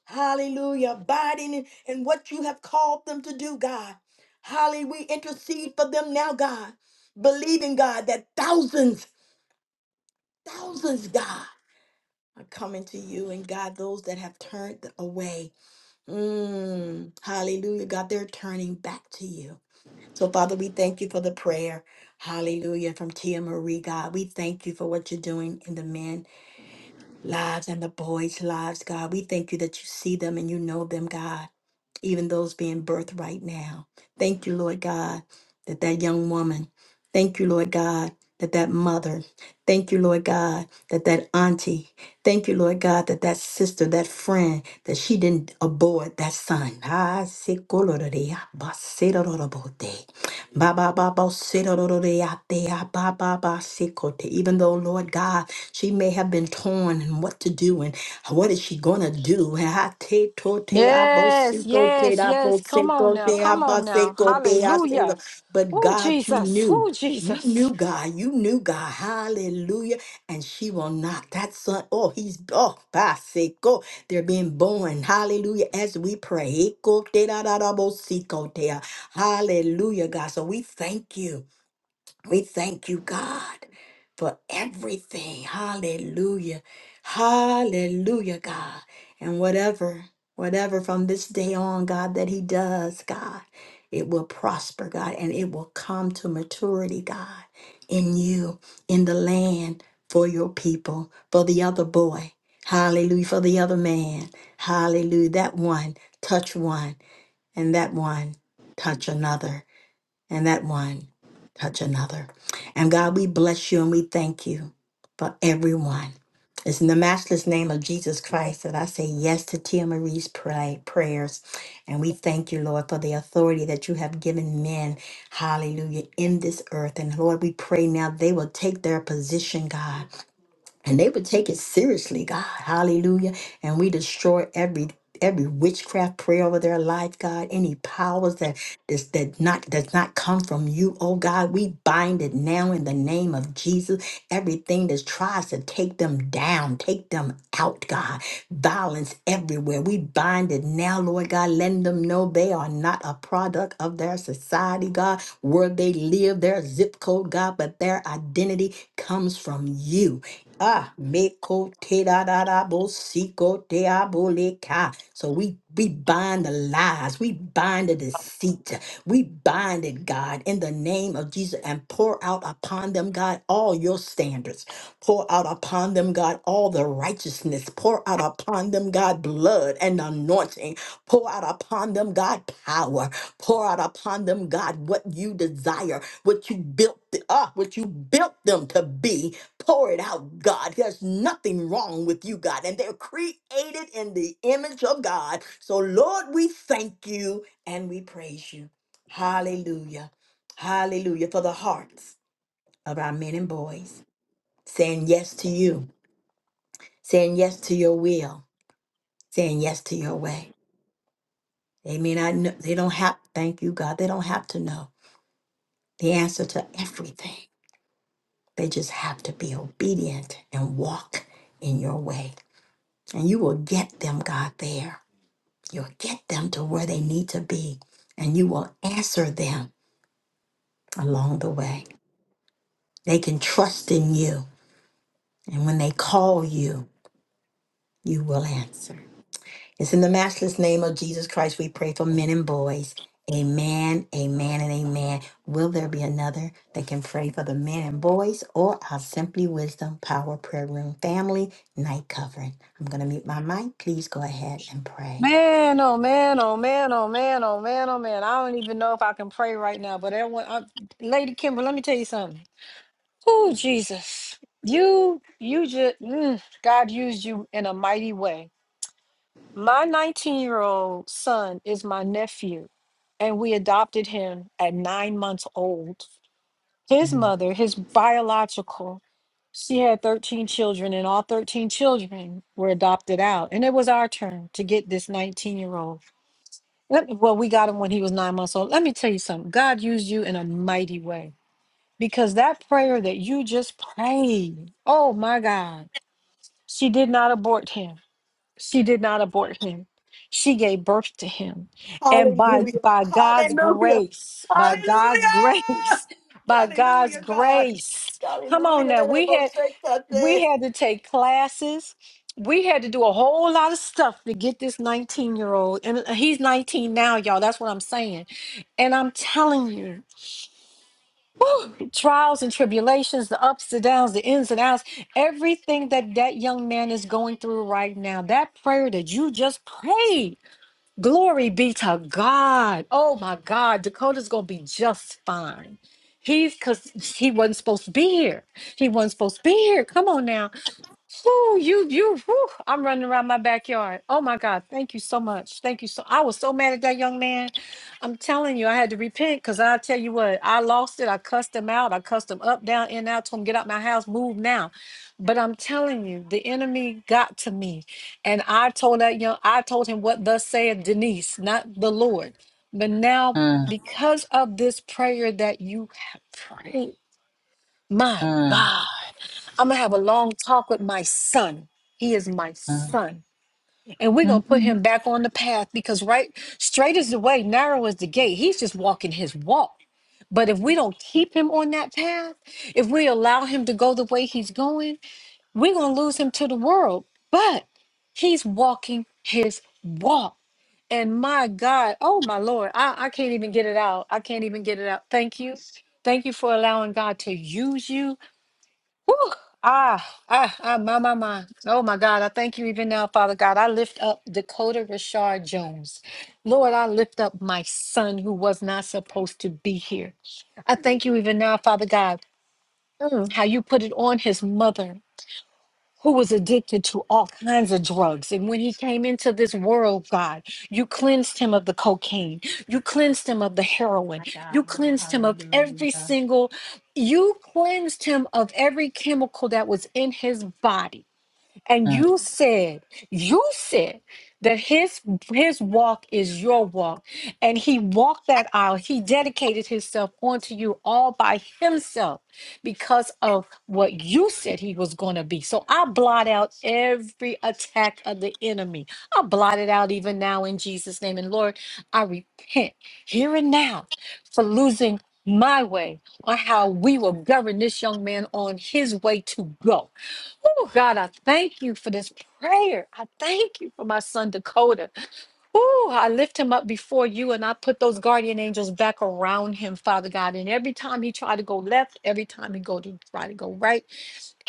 Hallelujah. Abiding in, in what you have called them to do, God. Hallelujah. We intercede for them now, God. Believing, God, that thousands, thousands, God, are coming to you. And God, those that have turned away. Mm, hallelujah. God, they're turning back to you. So, Father, we thank you for the prayer. Hallelujah. From Tia Marie, God. We thank you for what you're doing in the men lives and the boys' lives, God. We thank you that you see them and you know them, God, even those being birthed right now. Thank you, Lord God, that that young woman, thank you, Lord God, that that mother, thank you, Lord God, that that auntie, thank you, Lord God, that that sister, that friend, that she didn't abort that son. Ah, se colorarea, baserorobote. Ba ba ba ba si do do do, sirorororiatea, ba ba ba si ko te. Even though, Lord God, she may have been torn and what to do and what is she gonna do? Ha, te, to, te, a a te, da bo si
Yes,
ko te
yes,
a ba
yes. Come
sikote,
on
abo,
now.
sikote, a
Come on now.
sikope,
Hallelujah.
asego. But
Oh,
God, you
Jesus.
knew.
Oh,
You knew
Jesus.
God. You knew God. Hallelujah. And she will not. That son, oh, he's, oh, basiko. They're being born. Hallelujah. As we pray. Eko te da da da bo siko te. Hallelujah, God. So we thank you. We thank you, God, for everything. Hallelujah. Hallelujah, God. And whatever, whatever from this day on, God, that He does, God, it will prosper, God, and it will come to maturity, God, in you, in the land, for your people, for the other boy. Hallelujah. For the other man. Hallelujah. That one, touch one, and that one, touch another and that one touch another. And God, we bless you and we thank you for everyone. It's in the matchless name of Jesus Christ that I say yes to Tia Marie's pray, prayers. And we thank you, Lord, for the authority that you have given men, hallelujah, in this earth. And Lord, we pray now they will take their position, God and they would take it seriously god hallelujah and we destroy every every witchcraft prayer over their life god any powers that is that not does not come from you oh god we bind it now in the name of jesus everything that tries to take them down take them out god violence everywhere we bind it now lord god letting them know they are not a product of their society god where they live their zip code god but their identity comes from you Ah, meko te da da da bo siko te aboleka. So we we bind the lies, we bind the deceit, we bind it, God, in the name of Jesus, and pour out upon them, God, all your standards. Pour out upon them, God, all the righteousness. Pour out upon them, God, blood and anointing. Pour out upon them, God, power. Pour out upon them, God, what you desire, what you built, th- ah, what you built them to be Pour it out, God. There's nothing wrong with you, God. And they're created in the image of God. So, Lord, we thank you and we praise you. Hallelujah. Hallelujah. For the hearts of our men and boys saying yes to you, saying yes to your will, saying yes to your way. They may not know, they don't have, thank you, God. They don't have to know the answer to everything. They just have to be obedient and walk in your way. And you will get them, God, there. You'll get them to where they need to be. And you will answer them along the way. They can trust in you. And when they call you, you will answer. It's in the matchless name of Jesus Christ we pray for men and boys. Amen, amen, and amen. Will there be another that can pray for the men and boys or our Simply Wisdom Power Prayer Room family night covering? I'm going to mute my mic. Please go ahead and pray.
Man, oh, man, oh, man, oh, man, oh, man, oh, man. I don't even know if I can pray right now, but everyone, I, Lady Kimber, let me tell you something. Oh, Jesus. You, you just, mm, God used you in a mighty way. My 19 year old son is my nephew, and we adopted him at nine months old. His
Mm,
mother, his biological, She had 13 children, and all 13 children were adopted out. And it was our turn to get this 19 year old. Let me, well, we got him when he was nine months old. Let me tell you something God used you in a mighty way because that prayer that you just prayed, oh my God, she did not abort him. She did not abort him. She gave birth to him. And by,
Hallelujah.
by God's
Hallelujah.
grace, by God's
Hallelujah.
grace, by God's
Hallelujah, God.
grace, Come on
Hallelujah.
now.
Let us
We
both
had
say that there.
we had to take classes. We had to do a whole lot of stuff to get this 19 year old. And uh, he's 19 now, y'all. That's what I'm saying. And I'm telling you, whew, trials and tribulations, the ups, the downs, the ins and outs, everything that that young man is going through right now, that prayer that you just prayed, glory be to God. Oh my God, Dakota's going to be just fine. He's because he wasn't supposed to be here. He wasn't supposed to be here. Come on now Whew, you, you, whew, I'm running around my backyard. Oh my God. Thank you so much. Thank you so I was so mad at that young man. I'm telling you, I had to repent because I tell you what, I lost it. I cussed him out. I cussed him up, down, in, out, told him, get out my house, move now. But I'm telling you, the enemy got to me. And I told that young, I told him what thus saith Denise, not the Lord. But now,
mm,
because of this prayer that you have prayed, my
mm,
God. I'm gonna have a long talk with my son. He is my
mm,
son. And we're gonna
mm,
put
mm,
him back on the path because right straight is the way, narrow is the gate. He's just walking his walk. But if we don't keep him on that path, if we allow him to go the way he's going, we're gonna lose him to the world. But he's walking his walk. And my God, oh my Lord, I, I can't even get it out. I can't even get it out. Thank you. Thank you for allowing God to use you. Whew. Ah, ah, ah, my, my, my. Oh, my God. I thank you even now, Father God. I lift up Dakota Rashard Jones. Lord, I lift up my son who was not supposed to be here. I thank you even now, Father God, mm, how you put it on his mother who was addicted to all kinds of drugs. And when he came into this world, God, you cleansed him of the cocaine, you cleansed him of the heroin,
My
you
God,
cleansed him of every
hallelujah.
single, you cleansed him of every chemical that was in his body. And
mm.
you said, you said that his his walk is your walk. And he walked that aisle. He dedicated himself onto you all by himself because of what you said he was going to be. So I blot out every attack of the enemy. I blot it out even now in Jesus' name. And Lord, I repent here and now for losing my way or how we will govern this young man on his way to go. Oh, God, I thank you for this prayer. I thank you for my son, Dakota. Oh, I lift him up before you and I put those guardian angels back around him, Father God. And every time he tried to go left, every time he go to try to go right.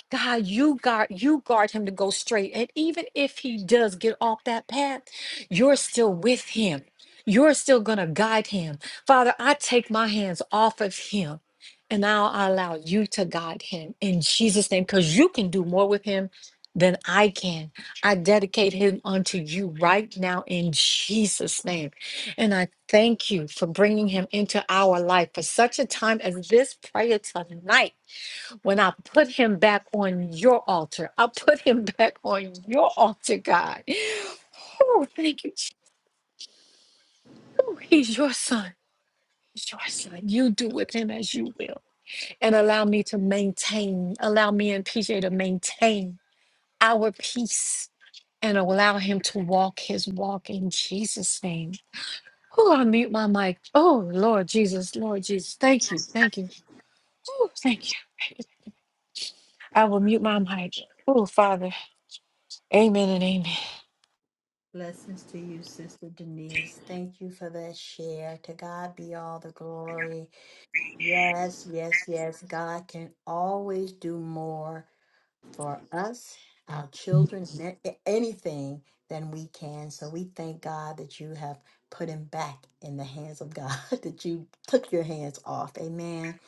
God, you guard you guard him to go straight. And even if he does get off that path, you're still with him. You're still gonna guide him. Father, I take my hands off of him and now I allow you to guide him in Jesus' name, because you can do more with him than I can. I dedicate him unto you right now in Jesus' name. And I thank you for bringing him into our life for such a time as this prayer tonight when I put him back on your altar. I put him back on your altar, God. Oh, thank you. Jesus. Oh, He's your son. He's your son. You do with him as you will. And allow me to maintain, allow me and PJ to maintain our peace and allow him to walk his walk in Jesus' name. Oh, I mute my mic. Oh, Lord Jesus, Lord Jesus. Thank you. Thank you. Oh, thank you. I will mute my mic. Oh, Father. Amen and amen.
Blessings to you, Sister Denise. Thank you for that share. To God be all the glory. Yes, yes, yes. God can always do more. for us, our children, and a- anything than we can. So we thank God that you have put him back in the hands of God, that you took your hands off. Amen.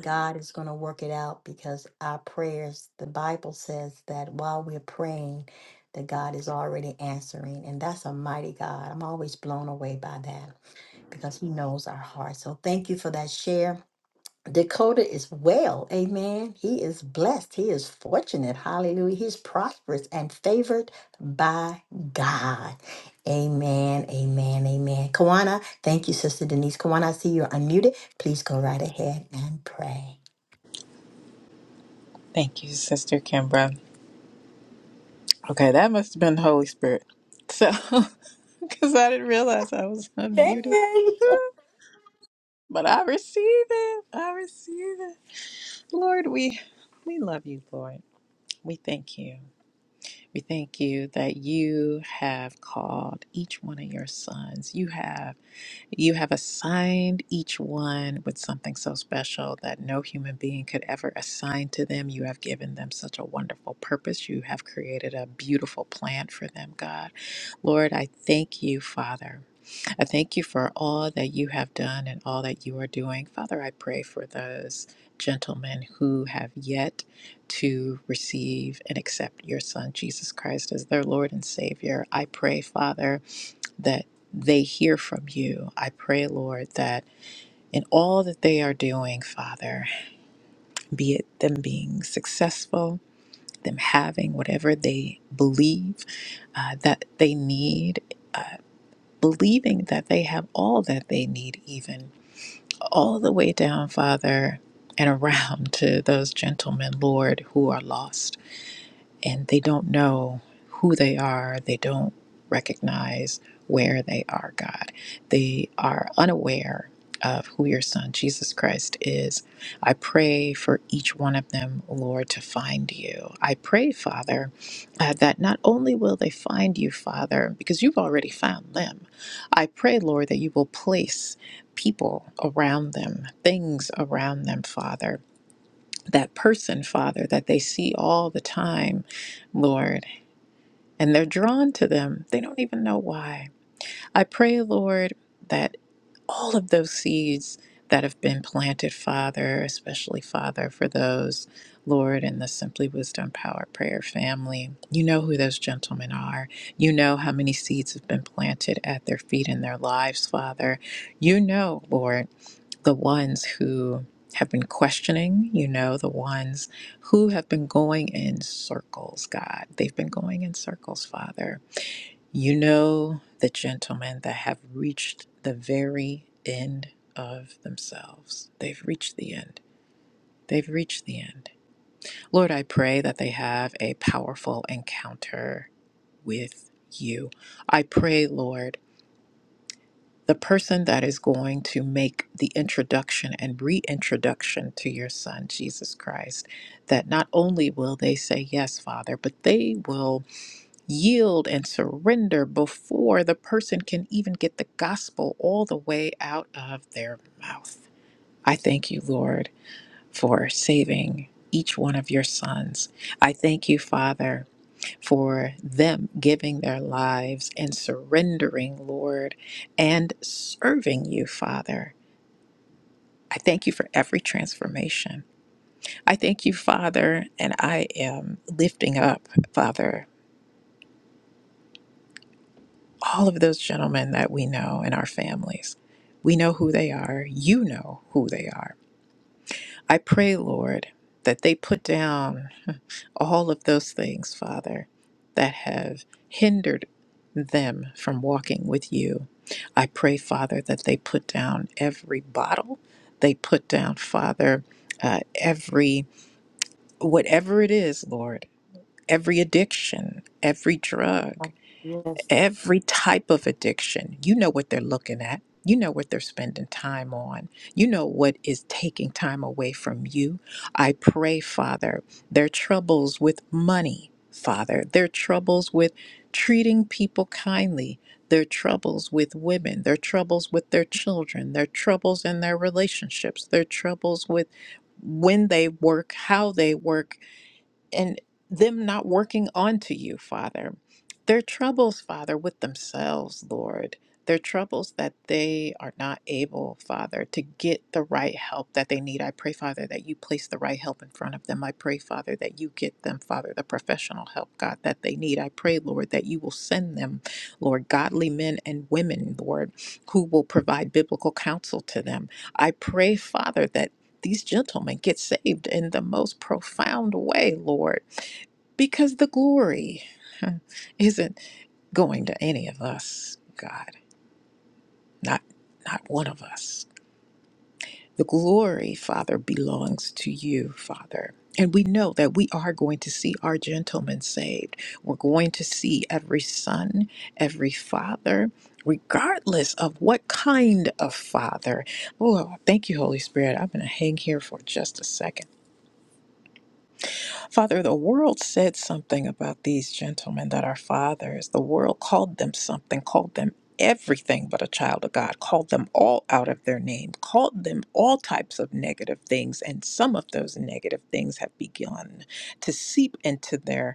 God is going to work it out because our prayers, the Bible says that while we're praying, that God is already answering. And that's a mighty God. I'm always blown away by that because he knows our hearts. So thank you for that share. Dakota is well. Amen. He is blessed. He is fortunate. Hallelujah. He's prosperous and favored by God. Amen. Amen. Amen. Kawana, thank you, Sister Denise. Kawana, I see you're unmuted. Please go right ahead and pray.
Thank you, Sister Kimbra. Okay, that must have been the Holy Spirit. So, because I didn't realize I was unmuted.
Amen.
but I receive it. I receive it. Lord, we we love you, Lord. We thank you. We thank you that you have called each one of your sons. You have You have assigned each one with something so special that no human being could ever assign to them. You have given them such a wonderful purpose. You have created a beautiful plan for them, God. Lord, I thank you, Father. I thank you for all that you have done and all that you are doing. Father, I pray for those gentlemen who have yet to receive and accept your Son, Jesus Christ, as their Lord and Savior. I pray, Father that they hear from you. I pray, Lord, that in all that they are doing, Father, be it them being successful, them having whatever they believe uh, that they need, uh, believing that they have all that they need, even all the way down, Father, and around to those gentlemen, Lord, who are lost. and they don't know who they are. They don't recognize where they are, God. They are unaware of who your son, Jesus Christ, is. I pray for each one of them, Lord, to find you. I pray, Father, uh, that not only will they find you, Father, because you've already found them, I pray, Lord, that you will place people around them, things around them, Father, that person, Father, that they see all the time, Lord, and they're drawn to them. They don't even know why. I pray, Lord, that all of those seeds that have been planted, Father, especially Father, for those, Lord, in the Simply Wisdom Power Prayer family, you know who those gentlemen are. You know how many seeds have been planted at their feet in their lives, Father. You know, Lord the ones who have been questioning, you know, the ones who have been going in circles, God. They've been going in circles, Father. You know the gentlemen that have reached the very end of themselves. They've reached the end. They've reached the end. Lord, I pray that they have a powerful encounter with you. I pray, Lord the person that is going to make the introduction and reintroduction to your son, Jesus Christ, that not only will they say, Yes, Father, but they will yield and surrender before the person can even get the gospel all the way out of their mouth. I thank you, Lord, for saving each one of your sons. I thank you, Father for them giving their lives and surrendering, Lord, and serving you, Father. I thank you for every transformation. I thank you, Father, and I am lifting up, Father, all of those gentlemen that we know in our families. We know who they are. You know who they are. I pray, Lord, that they put down all of those things, Father, that have hindered them from walking with you. I pray, Father, that they put down every bottle, they put down, Father, uh, every whatever it is, Lord, every addiction, every drug every type of addiction. You know what they're looking at. You know what they're spending time on. You know what is taking time away from you. I pray, Father, their troubles with money, Father, their troubles with treating people kindly, their troubles with women, their troubles with their children, their troubles in their relationships, their troubles with when they work, how they work, and them not working onto you, Father. Their troubles, Father, with themselves, Lord. Their troubles that they are not able, Father, to get the right help that they need. I pray, Father, that you place the right help in front of them. I pray, Father, that you get them, Father, the professional help, God, that they need. I pray, Lord, that you will send them, Lord, godly men and women, Lord, who will provide biblical counsel to them. I pray, Father, that these gentlemen get saved in the most profound way, Lord, because the glory isn't going to any of us, God. Not not one of us. The glory, Father, belongs to you, Father. And we know that we are going to see our gentlemen saved. We're going to see every son, every father, regardless of what kind of father. Oh, thank you, Holy Spirit. I'm going to hang here for just a second Father, the world said something about these gentlemen that are fathers. The world called them something, called them everything but a child of God, called them all out of their name, called them all types of negative things. And some of those negative things have begun to seep into their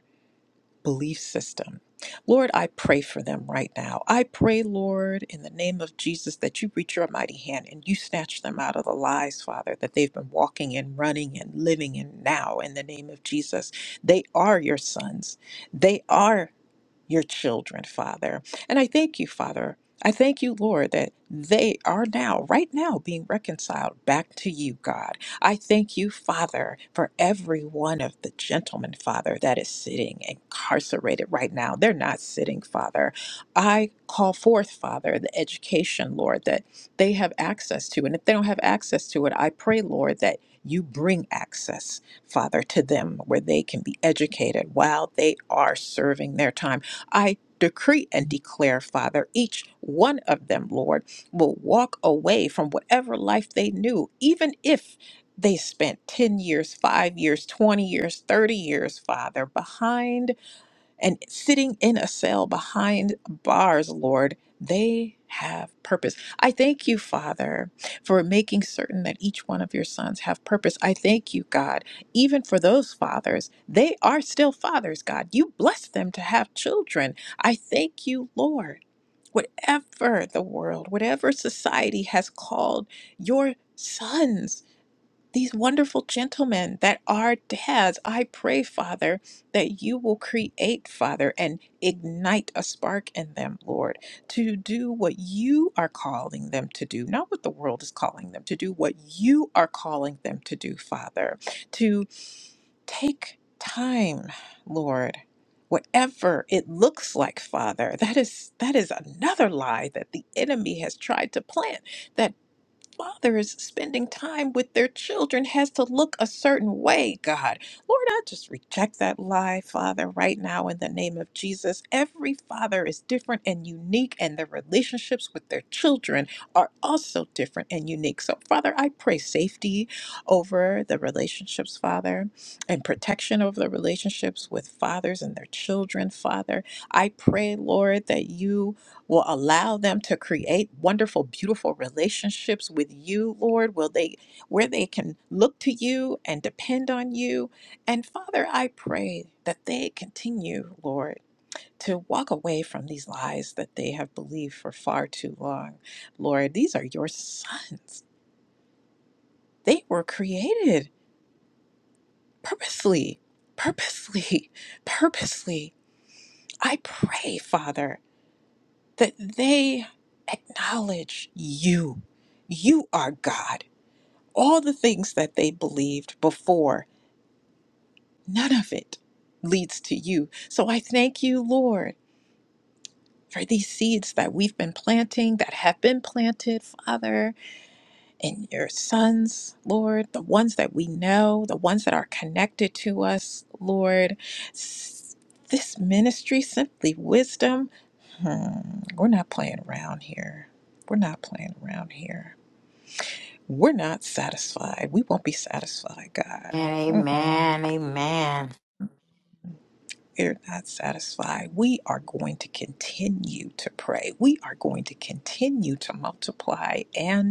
belief system. Lord, I pray for them right now. I pray, Lord, in the name of Jesus, that you reach your mighty hand and you snatch them out of the lies, Father, that they've been walking and running and living in now in the name of Jesus. They are your sons. They are your children, Father. And I thank you, Father. I thank you, Lord, that they are now, right now, being reconciled back to you, God. I thank you, Father, for every one of the gentlemen, Father, that is sitting incarcerated right now. They're not sitting, Father. I call forth, Father, the education, Lord, that they have access to. And if they don't have access to it, I pray, Lord, that you bring access Father, to them where they can be educated while they are serving their time. I decree and declare, Father, each one of them, Lord, will walk away from whatever life they knew, even if they spent 10 years, 5 years, 20 years, 30 years, Father, behind and sitting in a cell behind bars, Lord, they have purpose. I thank you, Father, for making certain that each one of your sons have purpose. I thank you, God, even for those fathers. They are still fathers, God. You bless them to have children. I thank you, Lord. Whatever the world, whatever society has called your sons, these wonderful gentlemen that are dads. I pray, Father, that you will create, Father, and ignite a spark in them, Lord, to do what you are calling them to do, not what the world is calling them to do, what you are calling them to do, Father, to take time, Lord. Whatever it looks like, Father, that is that is another lie that the enemy has tried to plant fathers spending time with their children has to look a certain way, God. Lord, I just reject that lie, Father, right now in the name of Jesus. Every father is different and unique, and their relationships with their children are also different and unique. So, Father, I pray safety over the relationships, Father, and protection over the relationships with fathers and their children, Father. I pray, Lord, that you will allow them to create wonderful beautiful relationships with you lord will they where they can look to you and depend on you and father i pray that they continue lord to walk away from these lies that they have believed for far too long lord these are your sons they were created purposely purposely purposely i pray father that they acknowledge you. You are God. All the things that they believed before, none of it leads to you. So I thank you, Lord, for these seeds that we've been planting, that have been planted, Father. and your sons, Lord, the ones that we know, the ones that are connected to us, Lord. S- This ministry, simply wisdom, hmm, we're not playing around here. We're not playing around here. We're not satisfied. We won't be satisfied, God. Mm-mm.
Amen.
We're not satisfied. We are going to continue to pray. We are going to continue to multiply and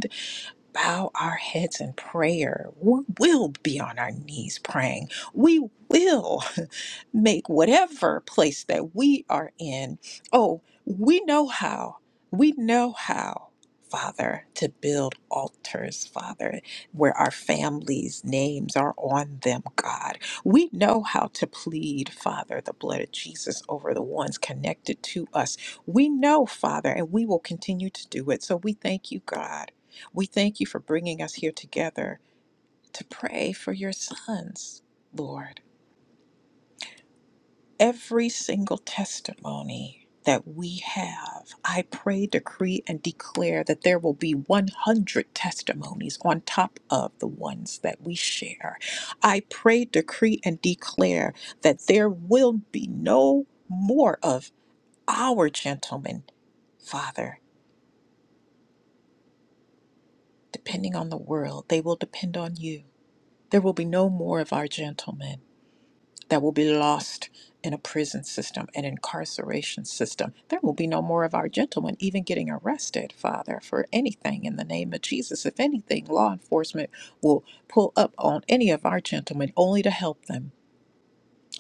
bow our heads in prayer. We will be on our knees praying. We will make whatever place that we are in. Oh, we know how. We know how, Father, to build altars, Father, where our families' names are on them, God. We know how to plead, Father, the blood of Jesus over the ones connected to us. We know, Father, and we will continue to do it. So we thank you, God. We thank you for bringing us here together to pray for your sons, Lord every single testimony that we have, I pray, decree, and declare that there will be 100 testimonies on top of the ones that we share. I pray, decree, and declare that there will be no more of our gentlemen, Father, depending on the world. They will depend on you. There will be no more of our gentlemen. that will be lost in a prison system, an incarceration system. There will be no more of our gentlemen even getting arrested, Father, for anything in the name of Jesus. If anything, law enforcement will pull up on any of our gentlemen only to help them.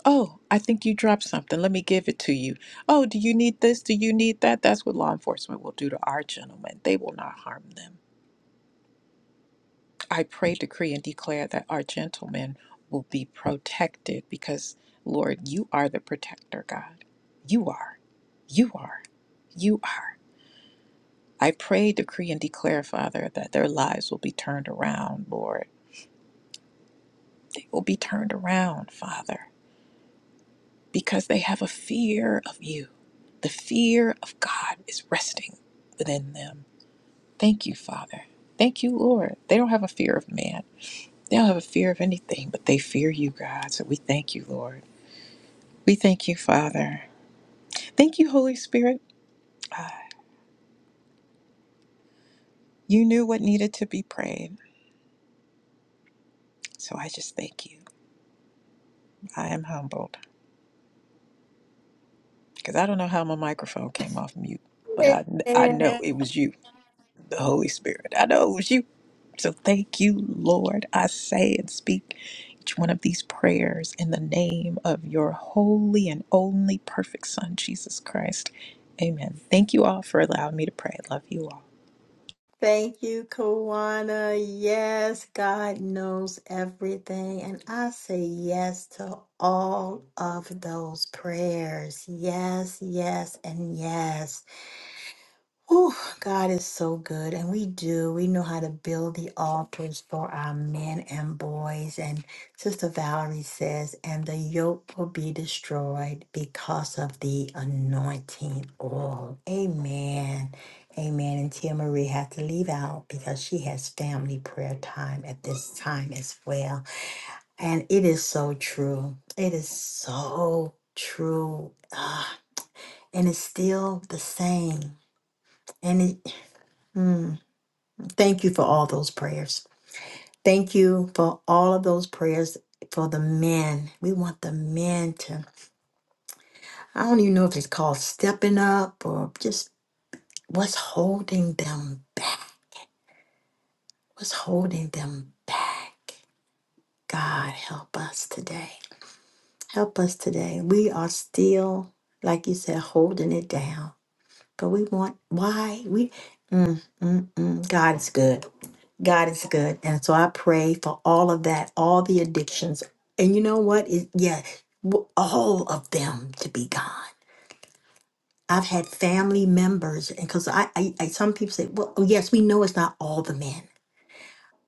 Oh, I think you dropped something. Let me give it to you. Oh, do you need this? Do you need that? That's what law enforcement will do to our gentlemen. They will not harm them. I pray, decree, and declare that our gentlemen will be protected because, Lord, you are the protector, God. You are. You are. You are. I pray, decree, and declare, Father, that their lives will be turned around, Lord. They will be turned around, Father, because they have a fear of you. The fear of God is resting within them. Thank you, Father. Thank you, Lord. They don't have a fear of man. They don't have a fear of anything, but they fear you, God. So we thank you, Lord. We thank you, Father. Thank you, Holy Spirit. Ah, you knew what needed to be prayed. So I just thank you. I am humbled because I don't know how my microphone came off mute, but I, I
Amen.
know it was you, the Holy Spirit. I know it was you. So thank you, Lord. I say and speak each one of these prayers in the name of your holy and only perfect Son, Jesus Christ. Amen. Thank you all for allowing me to pray. Love you all.
Thank you, Kawana. Yes, God knows everything. And I say yes to all of those prayers. Yes, yes, and yes. Ooh, God is so good, and we do. We know how to build the altars for our men and boys. And Sister Valerie says, and the yoke will be destroyed because of the anointing oil. Amen. Amen. And Tia Marie had to leave out because she has family prayer time at this time as well. And it is so true. It is so true. Ah, and it's still the same. And it. hmm. Thank you for all those prayers. Thank you for all of those prayers for the men. We want the men to, I don't even know if it's called stepping up or just what's holding them back. What's holding them back? God, help us today. Help us today. We are still, like you said, holding it down. But we want, why? We, mm, mm, mm. God is good. God is good. And so I pray for all of that, all the addictions. And you know what? It, yeah, w- all of them to be gone. I've had family members, and because I, I, I, some people say, well, oh, yes, we know it's not all the men,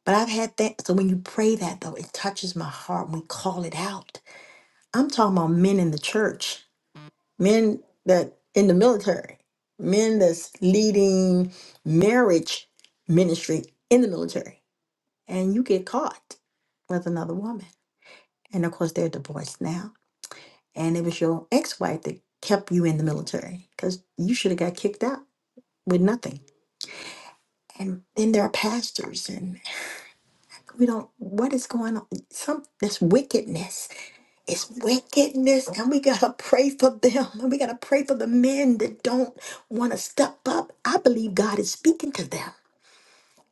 but I've had that. So when you pray that, though, it touches my heart. We call it out. I'm talking about men in the church, men that in the military, men that's leading marriage ministry in the military and you get caught with another woman. And of course, they're divorced now. And it was your ex wife that kept you in the military because you should have got kicked out with nothing. And then there are pastors, and we don't, what is going on? Some, this wickedness. It's wickedness, and we got to pray for them. And we got to pray for the men that don't want to step up. I believe God is speaking to them.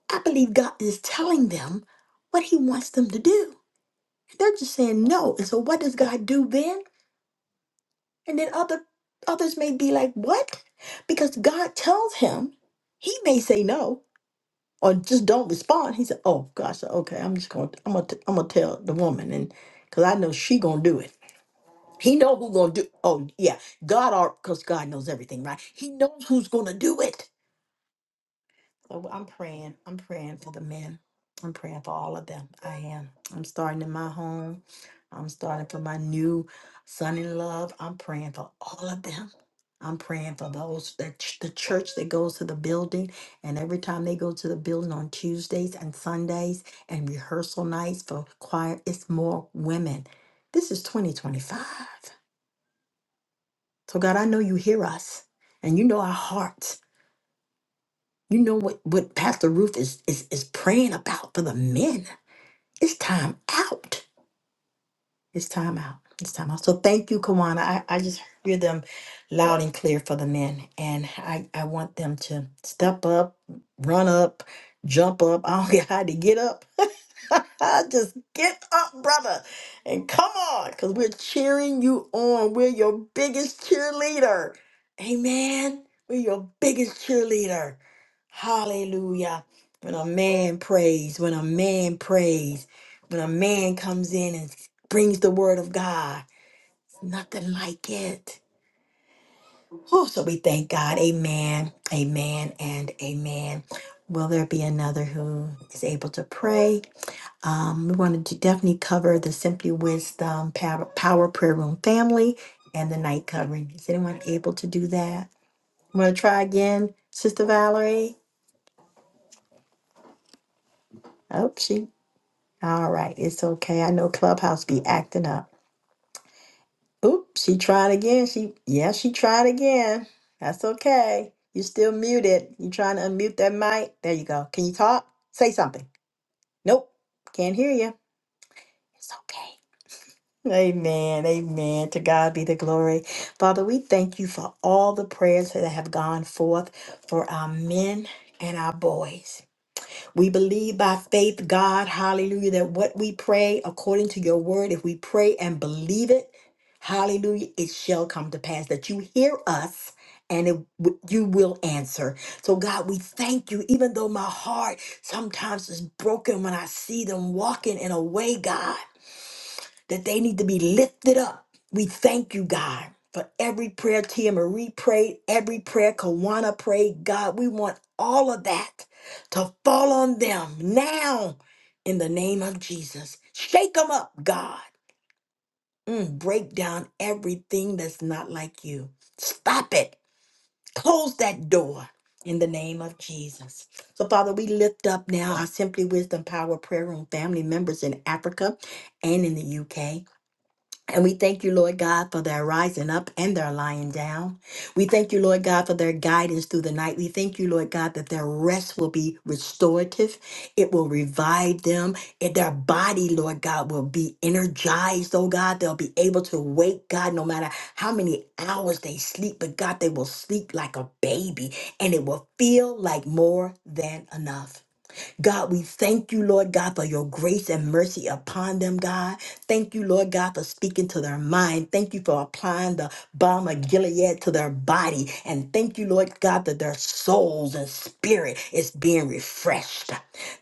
I believe God is telling them what He wants them to do. They're just saying no. And so what does God do then? And then other others may be like, "What?" Because God tells him, he may say no or just don't respond. He said, "Oh gosh, okay, I'm just going to I'm going to I'm going to tell the woman and cuz I know she going to do it." He know who going to do Oh, yeah. God are cuz God knows everything, right? He knows who's going to do it. So I'm praying. I'm praying for the men. I'm praying for all of them. I am. I'm starting in my home. I'm starting for my new son in love. I'm praying for all of them. I'm praying for those that ch- the church that goes to the building, and every time they go to the building on Tuesdays and Sundays and rehearsal nights for choir, it's more women. This is 2025. So God, I know you hear us, and you know our hearts. You know what, what Pastor Ruth is, is is praying about for the men. It's time out. It's time out. It's time out. So thank you, Kawana. I, I just hear them loud and clear for the men. And I, I want them to step up, run up, jump up. I don't care how to get up Just get up, brother, and come on, because we're cheering you on. We're your biggest cheerleader. Amen. We're your biggest cheerleader. Hallelujah. When a man prays, when a man prays, when a man comes in and brings the word of God, nothing like it. Oh, so we thank God. Amen. Amen and amen. Will there be another who is able to pray? Um, we wanted to definitely cover the Simply Wisdom Power, Power Prayer Room family and the night covering. Is anyone able to do that? I'm going to try again, Sister Valerie. Oh, she. All right, it's okay. I know Clubhouse be acting up. Oop, she tried again. She, yeah, she tried again. That's okay. You're still muted. You trying to unmute that mic? There you go. Can you talk? Say something. Nope, can't hear you. It's okay. Amen. Amen. To God be the glory. Father, we thank you for all the prayers that have gone forth for our men and our boys. We believe by faith, God, hallelujah, that what we pray according to your word, if we pray and believe it, hallelujah, it shall come to pass that you hear us and it, w- you will answer. So, God, we thank you, even though my heart sometimes is broken when I see them walking in a way, God that they need to be lifted up. We thank you, God, for every prayer Tia Marie prayed, every prayer Kawana prayed. God, we want all of that to fall on them now in the name of Jesus. Shake them up, God. Mm, break down everything that's not like you. Stop it. Close that door in the name of Jesus. So, Father, we lift up now our Simply Wisdom Power Prayer Room family members in Africa and in the UK. And we thank you, Lord God, for their rising up and their lying down. We thank you, Lord God, for their guidance through the night. We thank you, Lord God, that their rest will be restorative. It will revive them. And their body, Lord God, will be energized, oh God. They'll be able to wake, God, no matter how many hours they sleep. But God, they will sleep like a baby and it will feel like more than enough. God, we thank you, Lord God, for your grace and mercy upon them, God. Thank you, Lord God, for speaking to their mind. Thank you for applying the balm of Gilead to their body. And thank you, Lord God, that their souls and spirit is being refreshed.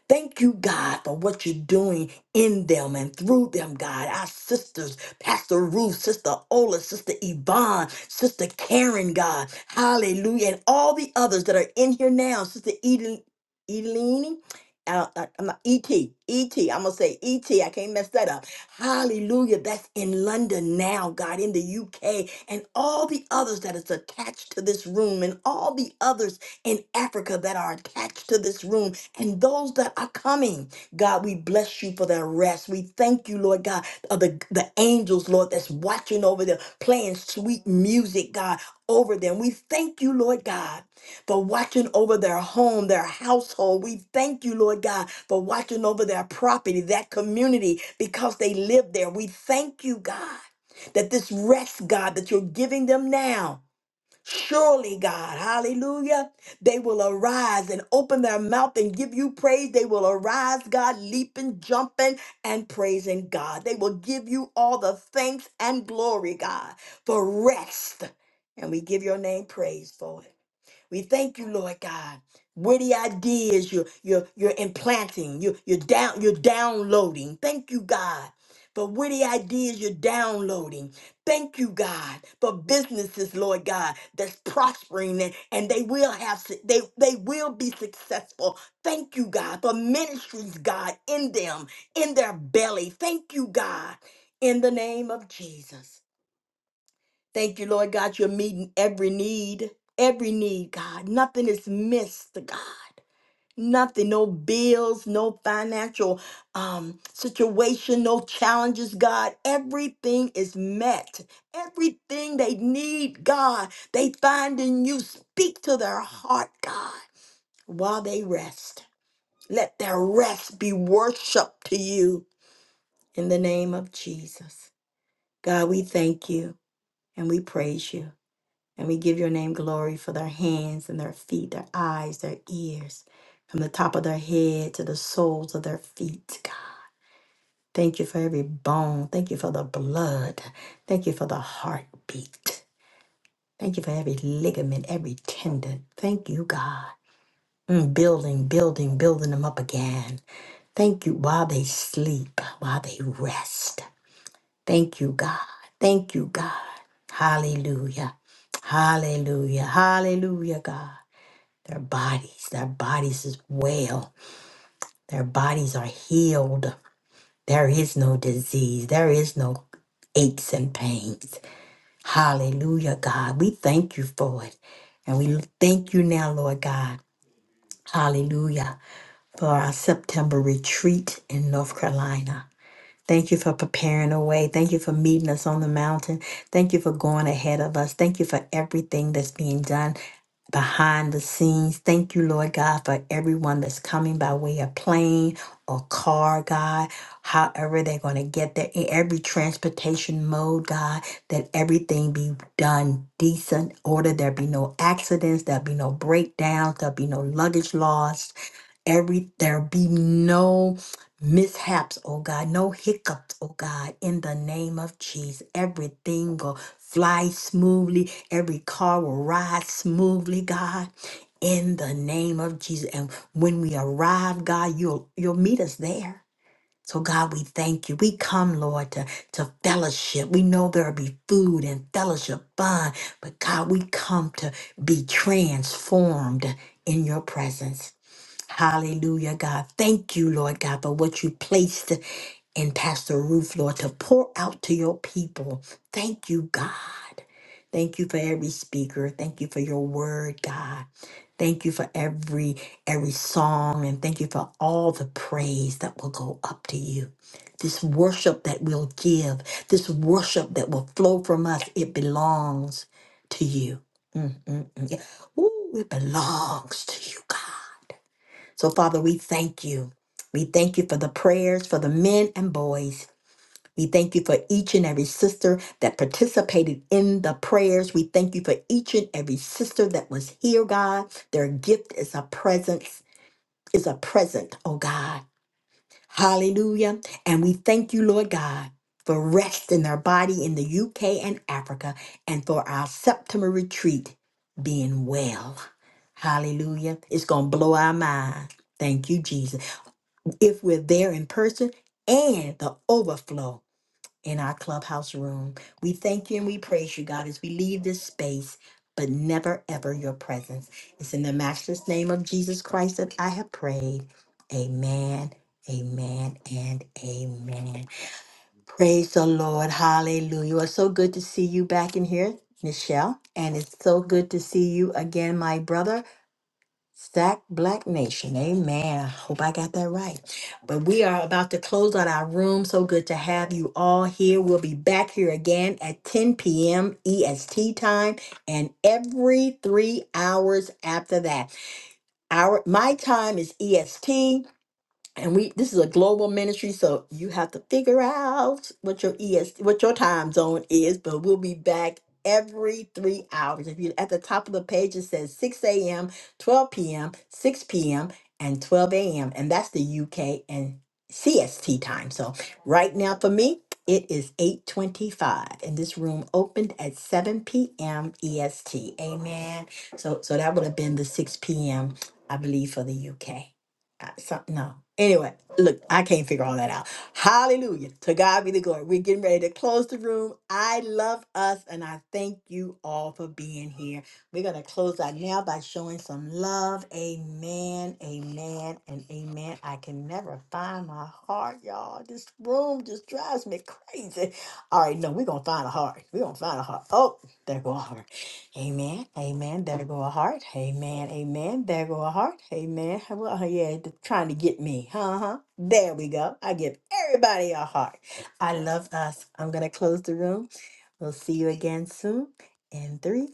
Thank you, God, for what you're doing in them and through them, God. Our sisters, Pastor Ruth, Sister Ola, Sister Yvonne, Sister Karen, God. Hallelujah. And all the others that are in here now, Sister Eden. Edeline uh, uh, I'm not, ET, ET, I'm gonna say ET, I can't mess that up. Hallelujah, that's in London now, God, in the UK, and all the others that is attached to this room, and all the others in Africa that are attached to this room, and those that are coming. God, we bless you for their rest. We thank you, Lord God, of the, the angels, Lord, that's watching over them, playing sweet music, God, over them. We thank you, Lord God for watching over their home, their household. We thank you, Lord God, for watching over their property, that community, because they live there. We thank you, God, that this rest, God, that you're giving them now. Surely, God, hallelujah, they will arise and open their mouth and give you praise. They will arise, God, leaping, jumping, and praising God. They will give you all the thanks and glory, God, for rest. And we give your name praise for it. We thank you, Lord God. Witty ideas you're you're you're implanting, you you're down you're downloading. Thank you, God. For witty ideas you're downloading. Thank you, God, for businesses, Lord God, that's prospering and, and they will have su- they they will be successful. Thank you, God, for ministries, God, in them, in their belly. Thank you, God, in the name of Jesus. Thank you, Lord God. You're meeting every need, every need, God. Nothing is missed, God. Nothing, no bills, no financial um, situation, no challenges, God. Everything is met. Everything they need, God, they find in you. Speak to their heart, God, while they rest. Let their rest be worship to you in the name of Jesus. God, we thank you and we praise you. And we give your name glory for their hands and their feet, their eyes, their ears, from the top of their head to the soles of their feet, God. Thank you for every bone. Thank you for the blood. Thank you for the heartbeat. Thank you for every ligament, every tendon. Thank you, God. Mm, building, building, building them up again. Thank you while they sleep, while they rest. Thank you, God. Thank you, God. Hallelujah. Hallelujah. Hallelujah, God. Their bodies, their bodies is well. Their bodies are healed. There is no disease. There is no aches and pains. Hallelujah, God. We thank you for it. And we thank you now, Lord God. Hallelujah. For our September retreat in North Carolina. Thank you for preparing a way. Thank you for meeting us on the mountain. Thank you for going ahead of us. Thank you for everything that's being done. behind the scenes. Thank you, Lord God, for everyone that's coming by way of plane or car, God. However, they're going to get there in every transportation mode, God, that everything be done decent order. There be no accidents, there be no breakdowns, there be no luggage lost. Every there be no mishaps, oh God, no hiccups, oh God, in the name of Jesus. Everything will fly smoothly, every car will ride smoothly, God. In the name of Jesus. And when we arrive, God, you'll you'll meet us there. So God, we thank you. We come, Lord, to, to fellowship. We know there'll be food and fellowship fun, but God, we come to be transformed in your presence. Hallelujah, God. Thank you, Lord God, for what you placed in Pastor Ruth, Lord, to pour out to your people. Thank you, God. Thank you for every speaker. Thank you for your word, God. Thank you for every every song and thank you for all the praise that will go up to you. This worship that we'll give, this worship that will flow from us, it belongs to you. Mm, mm, mm. Yeah. Ooh, it belongs to you, God. So, Father, we thank you. We thank you for the prayers for the men and boys. We thank you for each and every sister that participated in the prayers. We thank you for each and every sister that was here, God. Their gift is a presence, is a present, oh God. Hallelujah. And we thank you, Lord God, for rest in their body in the UK and Africa and for our September retreat being well. Hallelujah. It's going to blow our mind. Thank you, Jesus if we're there in person and the overflow in our clubhouse room. We thank you and we praise you, God, as we leave this space, but never ever your presence. It's in the matchless name of Jesus Christ that I have prayed. Amen, amen, and amen. Praise the Lord. Hallelujah. Well, It's so good to see you back in here, Michelle. And it's so good to see you again, my brother. Stack Black Nation. Amen. Hope I got that right. But we are about to close out our room. So good to have you all here. We'll be back here again at 10 p.m. EST time and every three hours after that. Our my time is EST and we this is a global ministry so you have to figure out what your es what your time zone is but we'll be back every three hours if you at the top of the page it says 6 a.m 12 p.m 6 p.m and 12 a.m and that's the uk and cst time so right now for me it is 8.25 and this room opened at 7 p.m est amen so so that would have been the 6 p.m i believe for the uk I- some, no. Anyway, look, I can't figure all that out. Hallelujah. To God be the glory. We're getting ready to close the room. I love us and I thank you all for being here. We're going to close out now by showing some love. Amen, amen, and amen. I can never find my heart, y'all. This room just drives me crazy. All right, no, we're going to find a heart. We're going to find a heart. Oh, there go a heart. Amen. Amen. There go a heart. Amen. Amen. There go a heart. Amen. Well, uh, yeah, they're trying to get me. Uh huh. There we go. I give everybody a heart. I love us. I'm going to close the room. We'll see you again soon in three,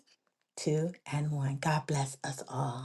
two, and one. God bless us all.